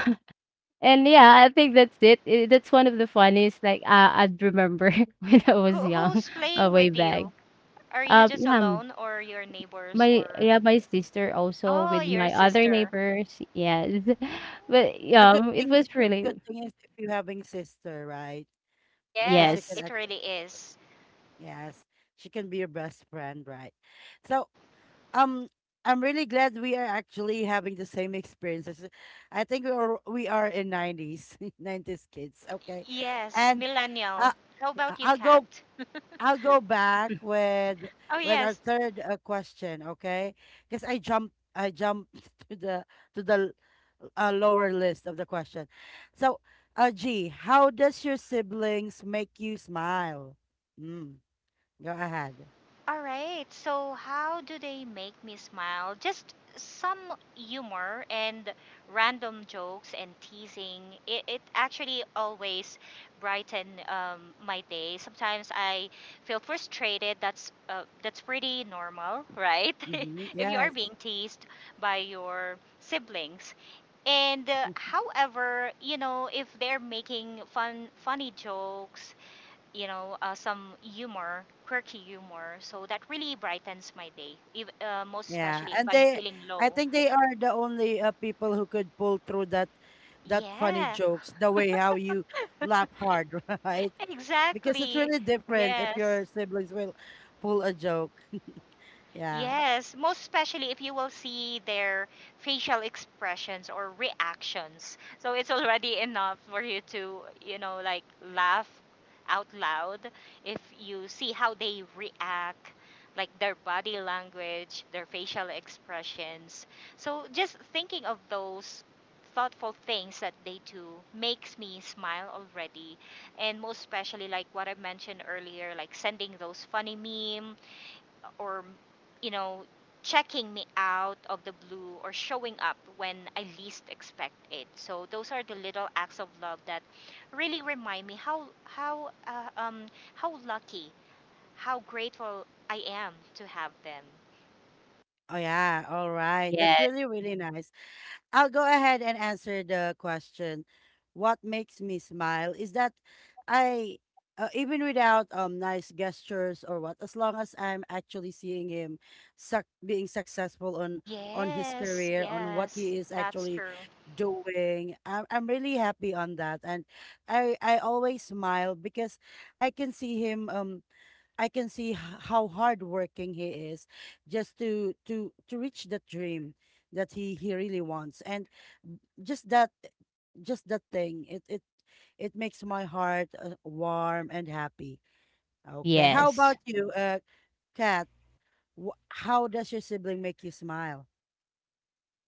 Speaker 3: and yeah, I think that's it. it. That's one of the funniest, like, uh, I'd remember when I was
Speaker 2: Who,
Speaker 3: young,
Speaker 2: who's
Speaker 3: uh,
Speaker 2: playing
Speaker 3: way
Speaker 2: with
Speaker 3: back.
Speaker 2: you? Are you
Speaker 3: Um,
Speaker 2: just
Speaker 3: yeah.
Speaker 2: alone or your neighbors
Speaker 3: My
Speaker 2: or…
Speaker 3: Yeah, my sister also,
Speaker 2: Oh,
Speaker 3: with
Speaker 2: your
Speaker 3: my other
Speaker 2: sister.
Speaker 3: neighbors. Yes. But
Speaker 1: The good
Speaker 3: yeah, it
Speaker 1: thing
Speaker 3: was
Speaker 1: good
Speaker 3: really
Speaker 1: thing is, if you're having sister, right? Because
Speaker 2: Yes,
Speaker 1: she can
Speaker 2: it
Speaker 3: yes,
Speaker 1: actually,
Speaker 2: really is.
Speaker 1: yes, she can be your best friend, right? So um I'm really glad we are actually having the same experiences. I think we are we are in nineties, nineties kids, okay?
Speaker 2: Yes,
Speaker 1: And
Speaker 2: millennial.
Speaker 1: uh,
Speaker 2: How
Speaker 1: yeah,
Speaker 2: about you,
Speaker 1: I'll
Speaker 2: Kat?
Speaker 1: go I'll go back with
Speaker 2: Oh,
Speaker 1: with our
Speaker 2: yes.
Speaker 1: third uh, question, okay? Because I jumped I jumped to the to the uh, lower list of the question. So, uh, G, how does your siblings make you smile? Mm, go ahead.
Speaker 2: All right. So, how do they make me smile? Just some humor and random jokes and teasing. It, it actually always brighten um, my day. Sometimes I feel frustrated. That's uh, that's pretty normal, right?
Speaker 1: Mm-hmm.
Speaker 2: If you are
Speaker 1: Yes.
Speaker 2: being teased by your siblings. And uh, however, you know, if they're making fun funny jokes, you know, uh, some humor, quirky humor. So that really brightens my day, if, uh, most
Speaker 1: Yeah,
Speaker 2: especially if
Speaker 1: and
Speaker 2: I'm
Speaker 1: they,
Speaker 2: feeling
Speaker 1: I
Speaker 2: low.
Speaker 1: think they are the only uh, people who could pull through that, that funny
Speaker 2: Yeah,
Speaker 1: jokes. The way how you laugh hard, right? Because it's
Speaker 2: exactly.
Speaker 1: really different if
Speaker 2: Yes.
Speaker 1: your siblings will pull a joke. Yeah.
Speaker 2: Yes, most especially if you will see their facial expressions or reactions. So it's already enough for you to, you know, like laugh out loud if you see how they react, like their body language, their facial expressions. So just thinking of those thoughtful things that they do makes me smile already, and most especially like what I mentioned earlier, like sending those funny memes or, you know checking me out of the blue or showing up when I least expect it. So those are the little acts of love that really remind me how how uh, um how lucky, how grateful I am to have them.
Speaker 1: Oh yeah. All right. That's
Speaker 3: yes,
Speaker 1: really really nice. I'll go ahead and answer the question. What makes me smile is that I, uh, even without um nice gestures or what, as long as I'm actually seeing him suc being successful on on his
Speaker 2: Yes,
Speaker 1: career, on what
Speaker 2: yes,
Speaker 1: he is
Speaker 2: that's
Speaker 1: actually
Speaker 2: true.
Speaker 1: doing. I'm I'm really happy on that, and I I always smile because I can see him um. I can see h- how hardworking he is just to to to reach the dream that he he really wants. And just that just that thing it it it makes my heart uh, warm and happy. Okay, how
Speaker 3: yes.
Speaker 1: about you, uh kat wh- how does your sibling make you smile?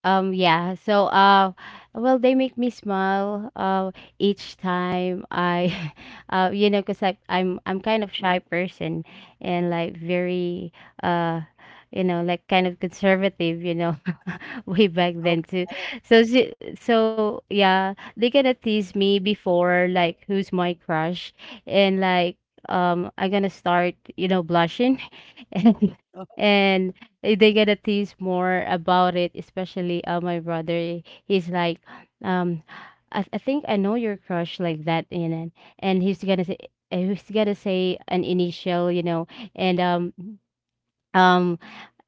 Speaker 3: Um, yeah. So uh, well, they make me smile uh each time I, uh, you know, cause I I'm I'm kind of shy person, and, like, very uh, you know, like, kind of conservative, you know. Way back then too.
Speaker 1: Okay.
Speaker 3: So she, so yeah, they gonna tease me before, like, who's my crush. And, like, um I'm gonna start, you know, blushing, and
Speaker 1: Oh,
Speaker 3: and they gonna tease more about it, especially uh my brother. He's like, um I, I think I know your crush, like that. And and he's gonna say, he's gonna say an initial, you know. And um um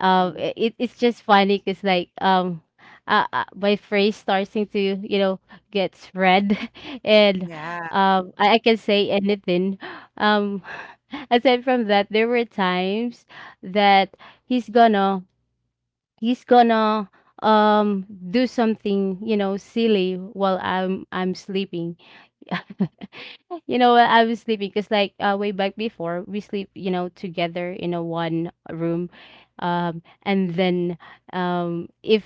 Speaker 3: uh,
Speaker 1: mhm.
Speaker 3: it, it's just funny, because, like, um uh, uh, my phrase starting to, you know, get spread, and
Speaker 1: Yeah.
Speaker 3: um I, I can say anything. um Aside from that, there were times that he's gonna he's gonna um do something, you know, silly while i'm i'm sleeping. You know what? I was sleeping, because, like, uh, way back, before we sleep, you know, together in a one room, um, and then, um, if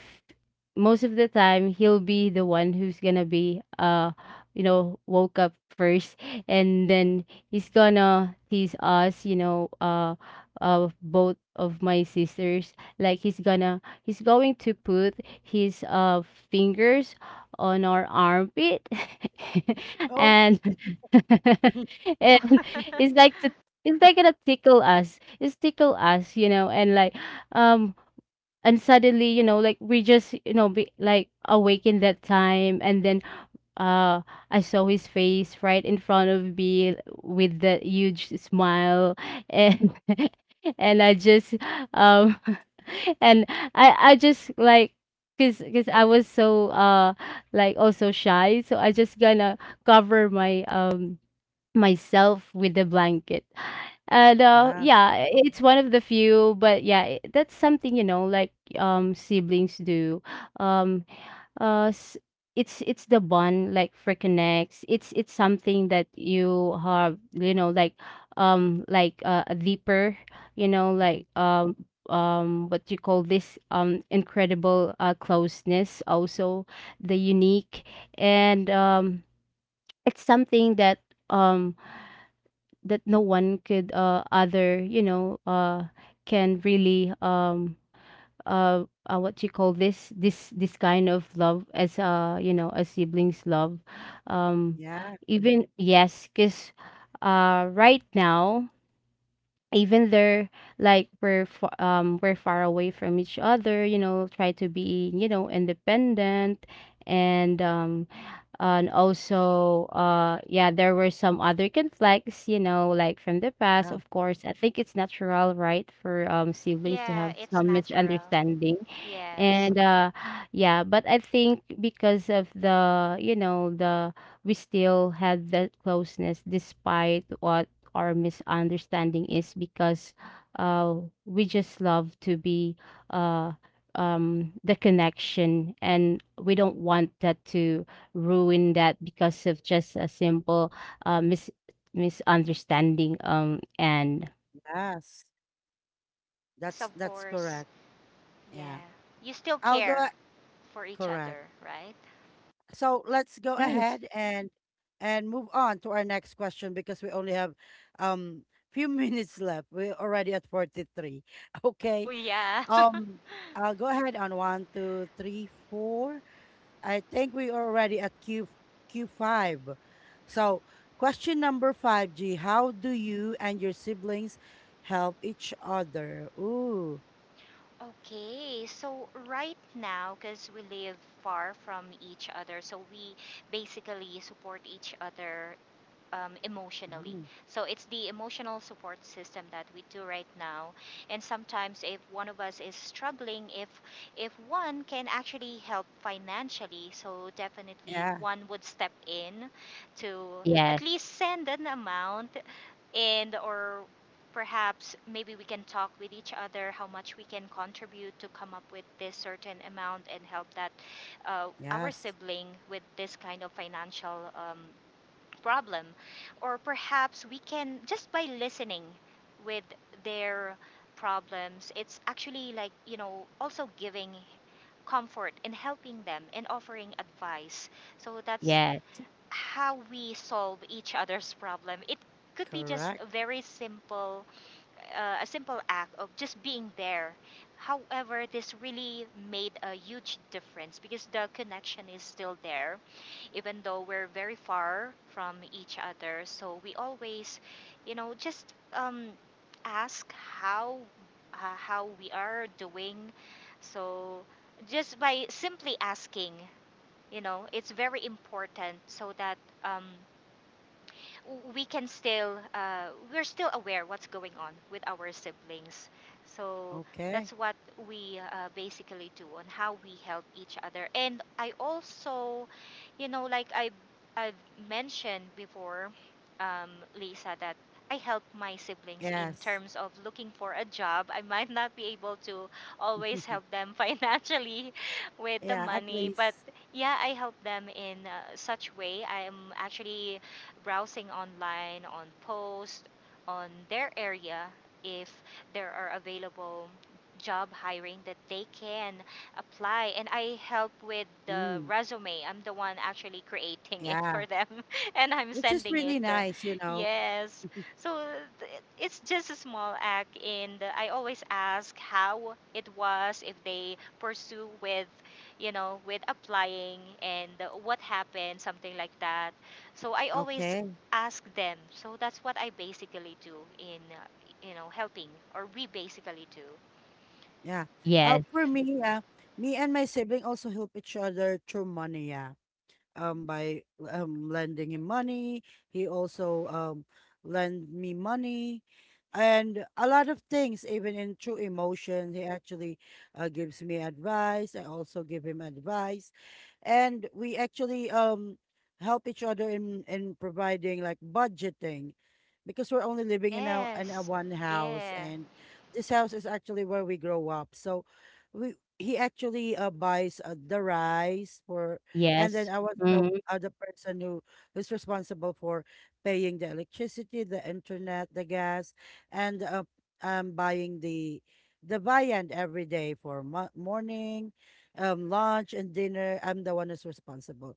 Speaker 3: most of the time, he'll be the one who's gonna be, uh, you know, woke up first. And then he's gonna tease us, you know, uh, uh, both of my sisters. Like, he's gonna, he's going to put his uh fingers on our armpit.
Speaker 1: Oh
Speaker 3: And and
Speaker 2: Oh.
Speaker 3: it's like to, it's, like, gonna tickle us. It's tickle us, you know, and, like, um and suddenly, you know, like, we just, you know, be, like, awaken that time, and then uh I saw his face right in front of me with that huge smile, and and I just um and I I just, like, cause, cause I was so uh like, also, shy, so I just gonna cover my um myself with the blanket. And uh,
Speaker 1: yeah.
Speaker 3: yeah, it's one of the few, but yeah, i- that's something, you know, like, um siblings do. Um, uh, s- it's it's the bond, like, for connects. It's it's something that you have, you know, like, um like, uh, a deeper, you know, like,
Speaker 1: Mhm.
Speaker 3: um um what you call this, um incredible uh closeness also, the unique. And um it's something that, um that no one could uh other, you know, uh can really um uh, uh what you call this this this kind of love, as, uh you know, a siblings love. um
Speaker 1: Yeah,
Speaker 3: Even, yes, because uh right now, even though, like, we're fa- um we're far away from each other, you know, try to be, you know, independent. And um and also, uh yeah, there were some other conflicts, you know, like, from the past.
Speaker 1: yeah.
Speaker 3: Of course, I think it's natural, right, for um siblings to
Speaker 2: Yeah,
Speaker 3: have
Speaker 2: it's
Speaker 3: some
Speaker 2: natural.
Speaker 3: misunderstanding.
Speaker 2: Yes.
Speaker 3: And uh yeah, but I think, because of the, you know, the we still had that closeness despite what our misunderstanding is, because uh we just love to be, uh um the connection, and we don't want that to ruin that, because of just a simple uh mis misunderstanding. Um and
Speaker 1: Yes,
Speaker 2: Yes,
Speaker 1: that's
Speaker 2: of
Speaker 1: that's
Speaker 2: course.
Speaker 1: correct. Yeah.
Speaker 2: Yeah. You still
Speaker 1: i'll go
Speaker 2: care
Speaker 1: a-
Speaker 2: for each
Speaker 1: Correct.
Speaker 2: other, right?
Speaker 1: So let's go
Speaker 3: Yes,
Speaker 1: ahead and and move on to our next question because we only have um few minutes left. We're already at forty-three. Okay.
Speaker 2: Oh yeah.
Speaker 1: Um I'll go ahead on one, two, three, four. I think we are already at Q Q five. So question number five, G, how do you and your siblings help each other? Ooh.
Speaker 2: Okay, so right now, because we live far from each other, so we basically support each other um, emotionally.
Speaker 1: Mm.
Speaker 2: So it's the emotional support system that we do right now. And sometimes, if one of us is struggling, if if one can actually help financially, so definitely
Speaker 1: Yeah.
Speaker 2: one would step in to
Speaker 3: yes,
Speaker 2: at least send an amount and or perhaps maybe we can talk with each other how much we can contribute to come up with this certain amount and help that uh, our
Speaker 1: Yes.
Speaker 2: sibling with this kind of financial um, problem, or perhaps we can just by listening with their problems. It's actually, like, you know, also giving comfort and helping them and offering advice. So that's
Speaker 3: yes,
Speaker 2: how we solve each other's problem. It could be just a
Speaker 1: Correct.
Speaker 2: very simple, uh, a simple act of just being there. However, this really made a huge difference because the connection is still there, even though we're very far from each other. So we always, you know, just um, ask how uh, how we are doing. So just by simply asking, you know, it's very important so that um, we can still uh, we're still aware what's going on with our siblings. So
Speaker 1: Okay.
Speaker 2: that's what we uh, basically do on how we help each other. And I also, you know, like, i i've mentioned before, um, Lisa, that I help my siblings in
Speaker 1: Yes.
Speaker 2: terms of looking for a job. I might not be able to always help them financially with the
Speaker 1: Yeah, at
Speaker 2: money, but
Speaker 1: least.
Speaker 2: yeah, I help them in uh, such way. I am actually browsing online, on posts, on their area if there are available job hiring that they can apply, and I help with the
Speaker 1: Mm,
Speaker 2: resume. I'm the one actually creating it
Speaker 1: yeah,
Speaker 2: for them and I'm
Speaker 1: which is
Speaker 2: sending it.
Speaker 1: really
Speaker 2: Uh,
Speaker 1: nice, you know.
Speaker 2: Yes. So th- it's just a small act, and I always ask how it was if they pursue with, you know, with applying and what happened, something like that. So I always
Speaker 1: Okay,
Speaker 2: ask them. So that's what I basically do in, uh, you know, helping, or we basically do.
Speaker 1: yeah.
Speaker 3: yes,
Speaker 1: Uh, for me, uh, me and my sibling also help each other through money. Yeah. Um by um lending him money. He also um lend me money and a lot of things. Even in true emotion he actually uh, gives me advice, I also give him advice, and we actually um help each other in in providing like budgeting, because we're only living in our in a
Speaker 2: Yes,
Speaker 1: one house,
Speaker 2: yeah,
Speaker 1: and this house is actually where we grow up. So we, he actually uh, buys uh, the rice, for and then I was the
Speaker 3: yes.
Speaker 1: other person who who's responsible for paying the electricity, the internet, the gas, and uh, um buying the the viand every day for mo morning, um lunch and dinner. I'm the one who's responsible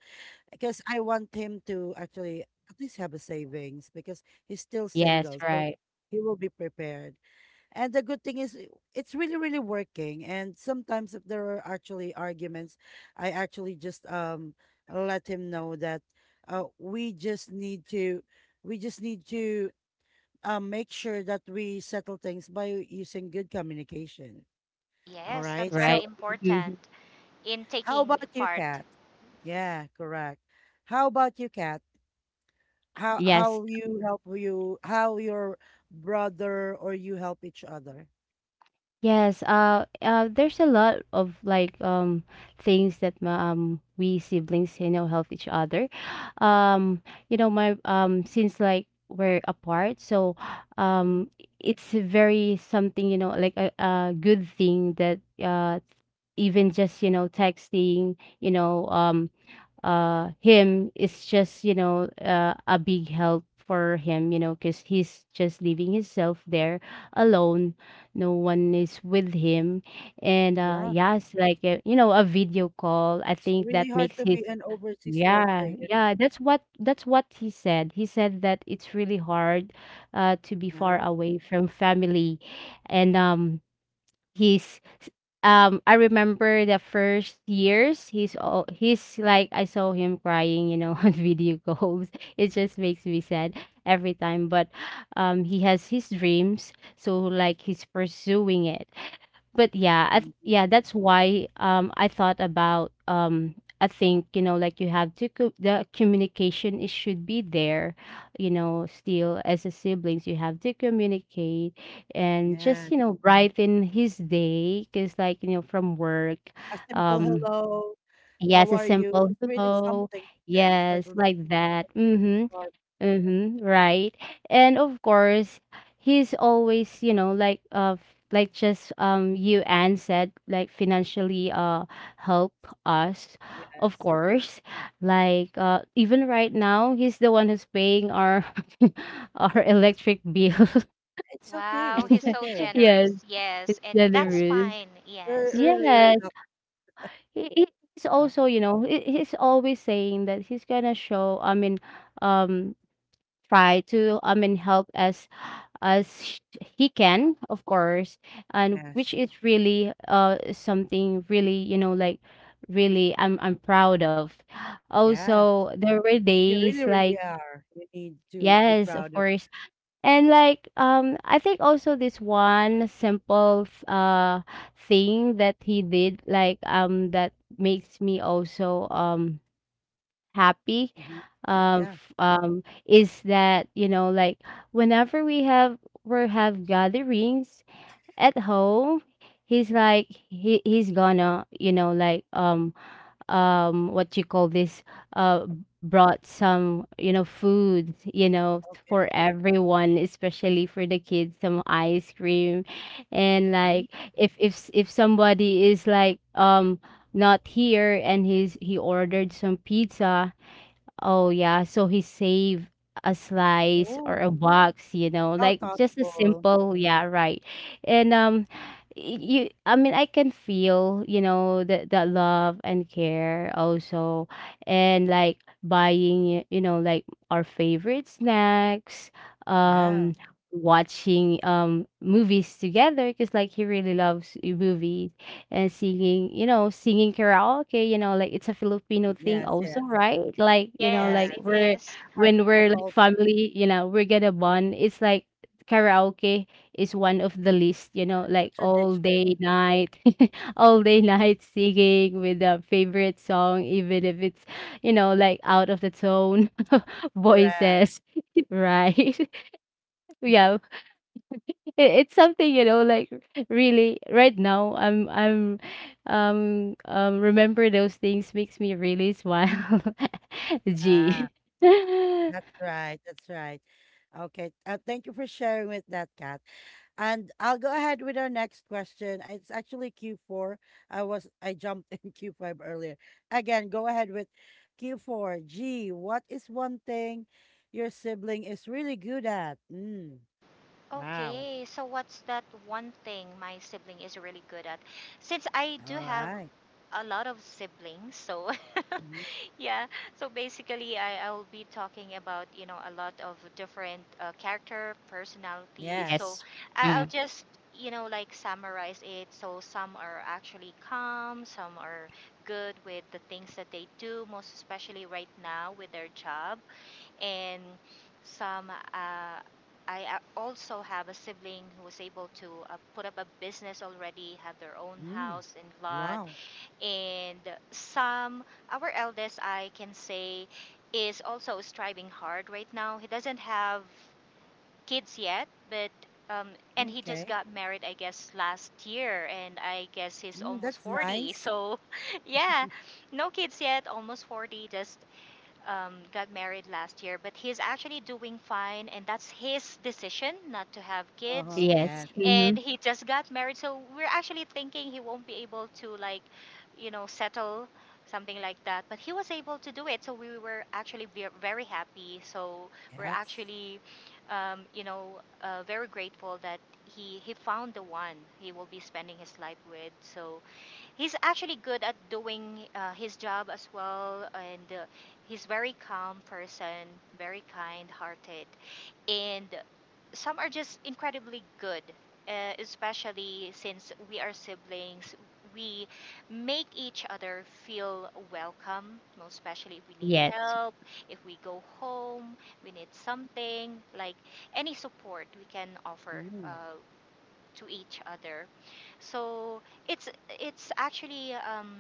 Speaker 1: because I want him to actually at least have a savings, because he's still
Speaker 3: Yes,
Speaker 1: single, so
Speaker 3: right,
Speaker 1: he will be prepared. And the good thing is, i- it's really, really working. And sometimes, if there are actually arguments, I actually just um let him know that uh, we just need to, we just need to um make sure that we settle things by using good communication. All
Speaker 2: yes,
Speaker 1: right.
Speaker 2: that's very
Speaker 3: right.
Speaker 1: So,
Speaker 2: important
Speaker 3: Mhm.
Speaker 2: in
Speaker 1: how
Speaker 2: taking
Speaker 1: about you,
Speaker 2: part.
Speaker 1: Kat? Yeah, correct. How about you, Kat? How
Speaker 3: Yes,
Speaker 1: how you help you how your brother or you help each other?
Speaker 3: yes. Uh, uh, there's a lot of, like, um things that ma- um we siblings, you know, help each other. Um, you know, my um since, like, we're apart, so
Speaker 1: Hmm.
Speaker 3: um it's a very something, you know, like, a, a good thing that, uh even just, you know, texting, you know, um uh him is just, you know, uh, a big help for him, you know, because he's just leaving himself there alone, no one is with him. And uh
Speaker 1: Yeah,
Speaker 3: yes, like, uh, you know, a video call, I
Speaker 1: it's
Speaker 3: think that
Speaker 1: really hard
Speaker 3: makes
Speaker 1: to
Speaker 3: his
Speaker 1: be an overseas worker,
Speaker 3: yeah,
Speaker 1: you know.
Speaker 3: yeah, that's what that's what he said, he said that it's really hard uh to be far
Speaker 1: Yeah.
Speaker 3: away from family. And um he's, um I remember the first years, he's all he's, like, I saw him crying, you know, on video calls. It just makes me sad every time. But um he has his dreams, so, like, he's pursuing it. But yeah, I, th-
Speaker 1: Mhm.
Speaker 3: yeah, that's why um I thought about um I think, you know, like, you have to co- the communication, it should be there, you know, still. As a siblings, you have to communicate, and just,
Speaker 1: Yes.
Speaker 3: you know, brighten his day, because, like, you know, from work.
Speaker 1: A simple
Speaker 3: um
Speaker 1: hello,
Speaker 3: yes,
Speaker 1: how
Speaker 3: a
Speaker 1: are you?
Speaker 3: simple
Speaker 1: It's really
Speaker 3: hello.
Speaker 1: something to them,
Speaker 3: Yes,
Speaker 1: especially the
Speaker 3: like that.
Speaker 1: people really
Speaker 3: Mm-hmm.
Speaker 1: far.
Speaker 3: Mm-hmm, right. And of course, he's always, you know, like, uh f- like, just, um you, Anne, said, like, financially uh help us, of
Speaker 1: Yes.
Speaker 3: course. Like, uh even right now, he's the one who's paying our our electric bill.
Speaker 1: It's okay,
Speaker 2: Wow,
Speaker 1: it's
Speaker 2: he's so
Speaker 1: okay.
Speaker 3: Yes,
Speaker 2: generous. Yes,
Speaker 3: it's
Speaker 2: and
Speaker 1: Yeah,
Speaker 2: that's
Speaker 3: generous.
Speaker 2: fine.
Speaker 1: you're
Speaker 2: Yes,
Speaker 1: really, really
Speaker 3: Yes.
Speaker 1: not
Speaker 3: He, he- he's
Speaker 1: that.
Speaker 3: also, you know, he, he's always saying that he's gonna show, I mean, um try to, I mean, help as as sh- he can, of course. And
Speaker 1: Yes,
Speaker 3: which is really uh something really, you know, like, really I'm I'm proud of.
Speaker 1: yes.
Speaker 3: Also, there were
Speaker 1: You
Speaker 3: days
Speaker 1: really,
Speaker 3: like
Speaker 1: really are. You need to be
Speaker 3: yes, of
Speaker 1: proud of it.
Speaker 3: course, and, like, um I think also, this one simple uh thing that he did, like, um that makes me also um happy.
Speaker 1: Mhm.
Speaker 3: Um
Speaker 1: Yeah,
Speaker 3: f- um is that, you know, like, whenever we have we have gatherings at home, he's like, he he's gonna, you know, like, um um what you call this, uh brought some, you know, food, you know,
Speaker 1: okay.
Speaker 3: for everyone, especially for the kids, some ice cream. And,
Speaker 1: Mm.
Speaker 3: like, if if s- if somebody is, like, um not here, and he's he ordered some pizza. Oh, yeah. So he save a slice or
Speaker 1: Oh,
Speaker 3: a box, you know,
Speaker 1: how
Speaker 3: like, just a
Speaker 1: thoughtful.
Speaker 3: simple, yeah, right. And um y- you, I mean, I can feel, you know, the the love and care also, and, like, buying, you know, like, our favorite snacks,
Speaker 1: Yeah.
Speaker 3: um watching um movies together, because, like, he really loves uh, movies, and singing, you know, singing karaoke, you know, like, it's a Filipino thing
Speaker 1: Yes,
Speaker 3: also,
Speaker 1: yes,
Speaker 3: right? Like, you know,
Speaker 1: yes.
Speaker 2: yes,
Speaker 3: like,
Speaker 2: it
Speaker 1: It's
Speaker 3: we're
Speaker 2: is.
Speaker 1: part of
Speaker 3: when
Speaker 1: the
Speaker 3: we're, like,
Speaker 1: culture.
Speaker 3: family, you know, we're gonna bond. It's like karaoke is one of the list, you know,
Speaker 1: It's
Speaker 3: like,
Speaker 1: a
Speaker 3: all
Speaker 1: tradition.
Speaker 3: day night, all day night singing with a favorite song, even if it's, you know, like, out of the tone
Speaker 1: Correct.
Speaker 3: voices. Right. Yeah, it, it's something, you know, like really right now i'm i'm um um remember those things makes me really smile.
Speaker 1: Yeah.
Speaker 3: g
Speaker 1: That's right. That's right. Okay. Uh, thank you for sharing with that, Kat. And I'll go ahead with our next question. It's actually Q four. I was I jumped in Q five earlier. Again, go ahead with Q four. G, what is one thing your sibling is really good at? Mm. Wow.
Speaker 2: Okay, so what's that one thing my sibling is really good at? Since I do
Speaker 1: All
Speaker 2: have
Speaker 1: right.
Speaker 2: a lot of siblings, so
Speaker 1: Mhm.
Speaker 2: yeah, so basically, I, I'll be talking about, you know, a lot of different uh, character personalities.
Speaker 1: Yes.
Speaker 3: Yes.
Speaker 2: So I, I'll
Speaker 3: Mm.
Speaker 2: just, you know, like summarize it. So some are actually calm, some are good with the things that they do, most especially right now with their job. And some, uh, I uh, also have a sibling who was able to uh, put up a business already, have their own
Speaker 1: Mm.
Speaker 2: house and lot,
Speaker 1: Wow.
Speaker 2: and Sam, our eldest, I can say, is also striving hard right now. He doesn't have kids yet, but um, and he just
Speaker 1: Okay.
Speaker 2: got married, I guess, last year, and I guess he's
Speaker 1: Mm,
Speaker 2: almost
Speaker 1: that's
Speaker 2: forty.
Speaker 1: nice.
Speaker 2: So, yeah, no kids yet, almost forty, just um, got married last year. But he's actually doing fine, and that's his decision not to have kids,
Speaker 1: Uh-huh. Yes.
Speaker 3: Yes. Hmm.
Speaker 2: and he just got married, so we're actually thinking he won't be able to, like, you know, settle something like that, but he was able to do it, so we were actually ve- very happy. So we're
Speaker 1: Yes.
Speaker 2: actually um, you know, uh, very grateful that he he found the one he will be spending his life with. So he's actually good at doing uh, his job as well, and uh, he's very calm person, very kind hearted, and some are just incredibly good, uh, especially since we are siblings. We make each other feel welcome, most especially if we need
Speaker 3: Yes.
Speaker 2: help, if we go home, we need something, like any support we can offer
Speaker 1: Mm.
Speaker 2: uh, to each other. So it's it's actually um,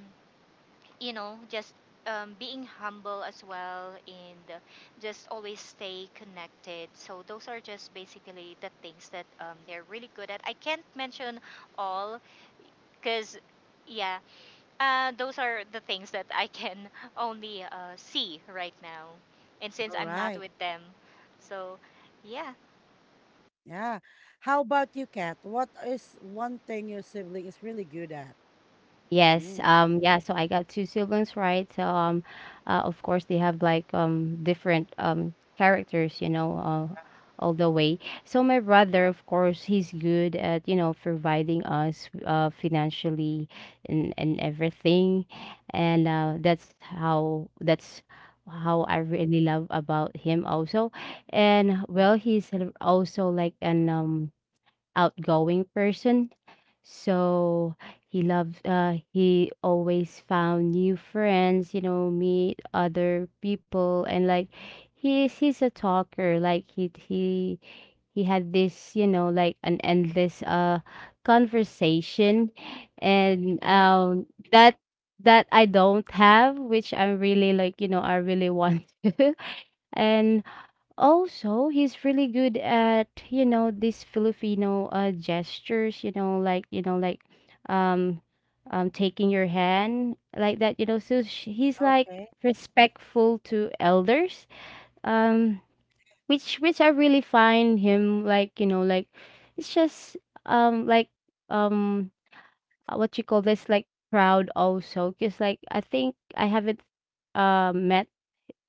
Speaker 2: you know, just um, being humble as well, and uh, just always stay connected. So those are just basically the things that um, they're really good at. I can't mention all because, yeah, uh, those are the things that I can only uh, see right now. And since
Speaker 1: All
Speaker 2: I'm not
Speaker 1: right.
Speaker 2: with them, so yeah.
Speaker 1: Yeah. How about you, Kat? What is one thing your sibling is really good at?
Speaker 3: Yes.
Speaker 1: Mm.
Speaker 3: Um, yeah, so I got two siblings, right? So um uh, of course they have like um different um characters, you know, uh, all the way. So my brother, of course, he's good at, you know, providing us uh financially and and everything. And uh that's how that's how I really love about him also. And well, he's also like an um outgoing person. So he loves uh he always found new friends, you know, meet other people, and like he's he's a talker. Like he he he had this, you know, like an endless uh conversation, and
Speaker 1: Yeah.
Speaker 3: um that that I don't have, which I'm really like, you know, I really want to. And also, he's really good at, you know, these Filipino uh gestures, you know, like, you know, like um um taking your hand like that, you know. So sh- he's like
Speaker 1: Okay.
Speaker 3: respectful to elders. Um which which I really find him like, you know, like it's just um like um uh, what you call this, like proud also, because like I think I haven't uh met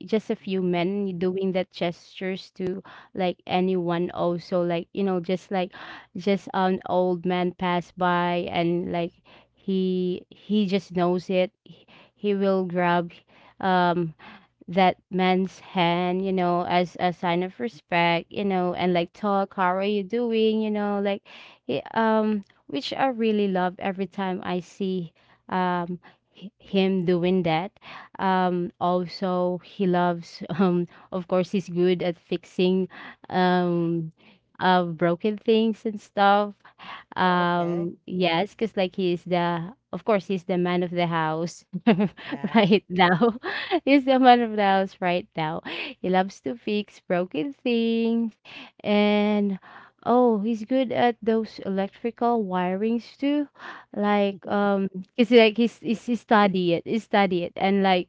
Speaker 3: just a few
Speaker 1: Hmm.
Speaker 3: men doing that gestures to like anyone also, like, you know, just like just an old man pass by and like he he just knows it, he, he will grab um that man's hand, you know, as a sign of respect, you know, and like talk, how are you doing, you know, like, he- um, which I really love every time I see, um, h- him doing that. Um, also, he loves, um, of course, he's good at fixing, um, uh, broken things and stuff.
Speaker 1: Oh, okay.
Speaker 3: Um, yes, because like he's the, of course, he's the man of the house
Speaker 1: Yeah.
Speaker 3: right now. He's the man of the house right now. He loves to fix broken things, and oh, he's good at those electrical wirings too. Like um, it's like he's
Speaker 1: Yeah.
Speaker 3: he's he study it, he study it, and like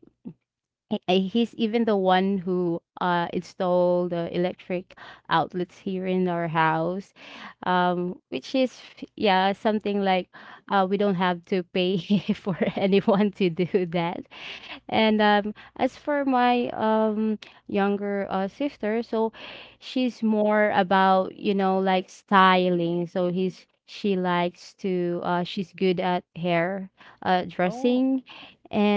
Speaker 3: I I he's even the one who uh, installed the electric outlets here in our house, um, which is f- yeah, something like uh, we don't have to pay for anyone to do that. And um, as for my um, younger uh, sister, so she's more about, you know, like styling. So he's she likes to uh, she's good at hair uh,
Speaker 1: Oh,
Speaker 3: dressing,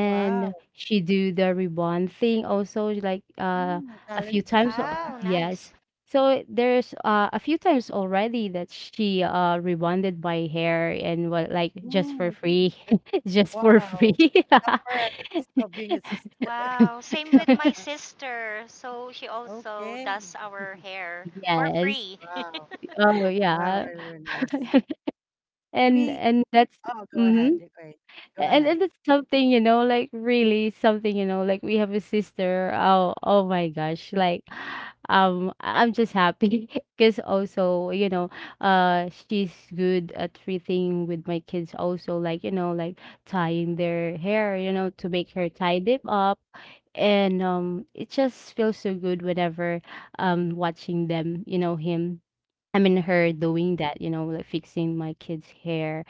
Speaker 1: wow.
Speaker 3: she do the ribbon thing also, like uh
Speaker 1: Mm,
Speaker 3: a few
Speaker 1: talented.
Speaker 3: times. uh,
Speaker 1: Yeah.
Speaker 2: Wow,
Speaker 3: yes,
Speaker 2: nice.
Speaker 3: so there's uh, a few times already that she uh rebonded my hair and what, like just for
Speaker 1: Mm.
Speaker 3: free.
Speaker 1: Eh,
Speaker 3: Just for
Speaker 1: wow.
Speaker 3: free.
Speaker 1: The perks of being a sister.
Speaker 2: Wow, same with my sister. So she also
Speaker 1: Okay.
Speaker 2: does our hair for
Speaker 3: Yes.
Speaker 2: free.
Speaker 1: Wow.
Speaker 3: Oh,
Speaker 1: Wow.
Speaker 3: yeah.
Speaker 1: Very, very nice.
Speaker 3: And
Speaker 1: Me.
Speaker 3: and that's
Speaker 1: Oh, go ahead.
Speaker 3: mhm.
Speaker 1: Great. Go
Speaker 3: and,
Speaker 1: ahead.
Speaker 3: and it's something, you know, like really something, you know, like we have a sister, oh, oh my gosh, like um I- I'm just happy because also, you know, uh she's good at treating with my kids also, like, you know, like tying their hair, you know, to make her tie them up. And um it just feels so good whenever um watching them, you know, him I mean her
Speaker 1: Mm.
Speaker 3: doing that, you know, like fixing my kids hair.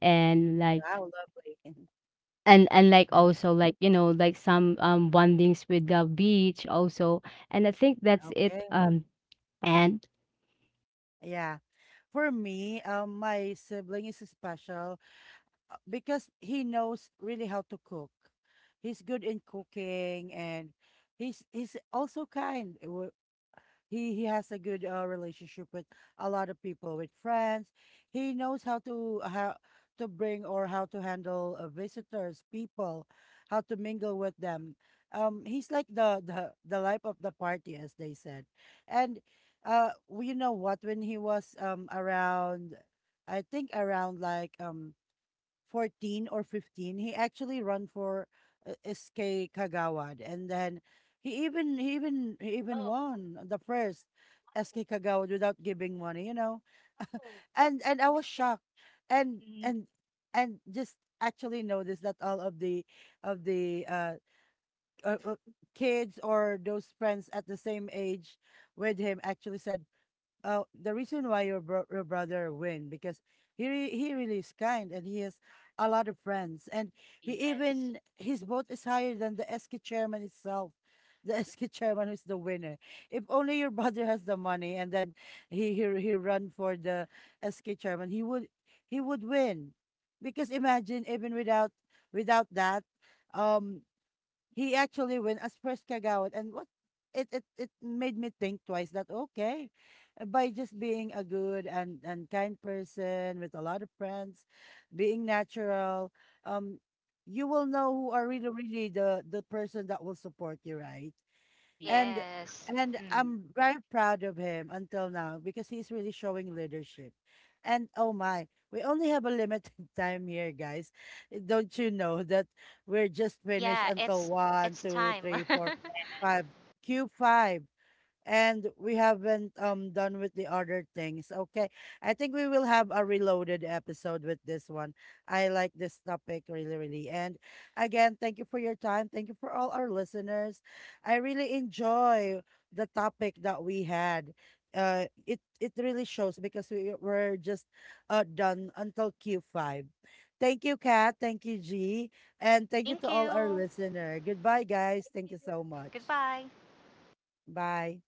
Speaker 3: And like,
Speaker 1: Wow. Lovely.
Speaker 3: and and like
Speaker 1: Yeah.
Speaker 3: also, like, you know, like some um bondings with the beach also. And I think that's it.
Speaker 1: Okay.
Speaker 3: um and
Speaker 1: Yeah. For me, um, my sibling is special uh, because he knows really how to cook. He's good in cooking, and he's he's also kind. He he has a good uh, relationship with a lot of people, with friends. He knows how to how to bring or how to handle uh, visitors, people, how to mingle with them. Um, he's like the the the life of the party, as they said. And uh, well, you know what? When he was um around, I think around like um fourteen or fifteen, he actually run for uh, S K Kagawad, and then he even he even he even
Speaker 3: oh,
Speaker 1: won the first
Speaker 3: oh,
Speaker 1: S K Kagawad without giving money, you know.
Speaker 3: oh.
Speaker 1: and and I was shocked. And
Speaker 3: Mm,
Speaker 1: and and just actually noticed that all of the of the uh, uh, uh, kids or those friends at the same age with him actually said, uh, the reason why your bro- your brother win, because he re- he really is kind and he has a lot of friends, and he
Speaker 3: yes.
Speaker 1: even his vote is higher than the S K chairman itself. The S K chairman is the winner. If only your brother has the money, and then he he he run for the S K chairman, he would he would win, because imagine even without without that, um, he actually went as first Kagawad. And what, it it it made me think twice that okay, uh, by just being a good and and kind person with a lot of friends, being natural, um, you will know who are really really the the person that will support you, right? And
Speaker 3: Yes.
Speaker 2: Yes.
Speaker 1: and
Speaker 3: Mm.
Speaker 1: I'm very proud of him until now because he's really showing leadership. And oh my, we only have a limited time here, guys. Eh, don't you know that we're just finished
Speaker 2: Yeah,
Speaker 1: until
Speaker 2: it's
Speaker 1: one,
Speaker 2: it's
Speaker 1: two,
Speaker 2: time.
Speaker 1: three, four, five, Q five, and we haven't um done with the other things. Okay. I think we will have a reloaded episode with this one. I like this topic really, really. And again, thank you for your time. Thank you for all our listeners. I really enjoy the topic that we had. Uh it it really shows because we were just uh done until Q five. Thank you, Kat. Thank you, G. And thank you
Speaker 2: Thank
Speaker 1: to all our
Speaker 2: you.
Speaker 1: listener. Goodbye, guys. Thank you so much.
Speaker 2: Goodbye.
Speaker 1: Bye.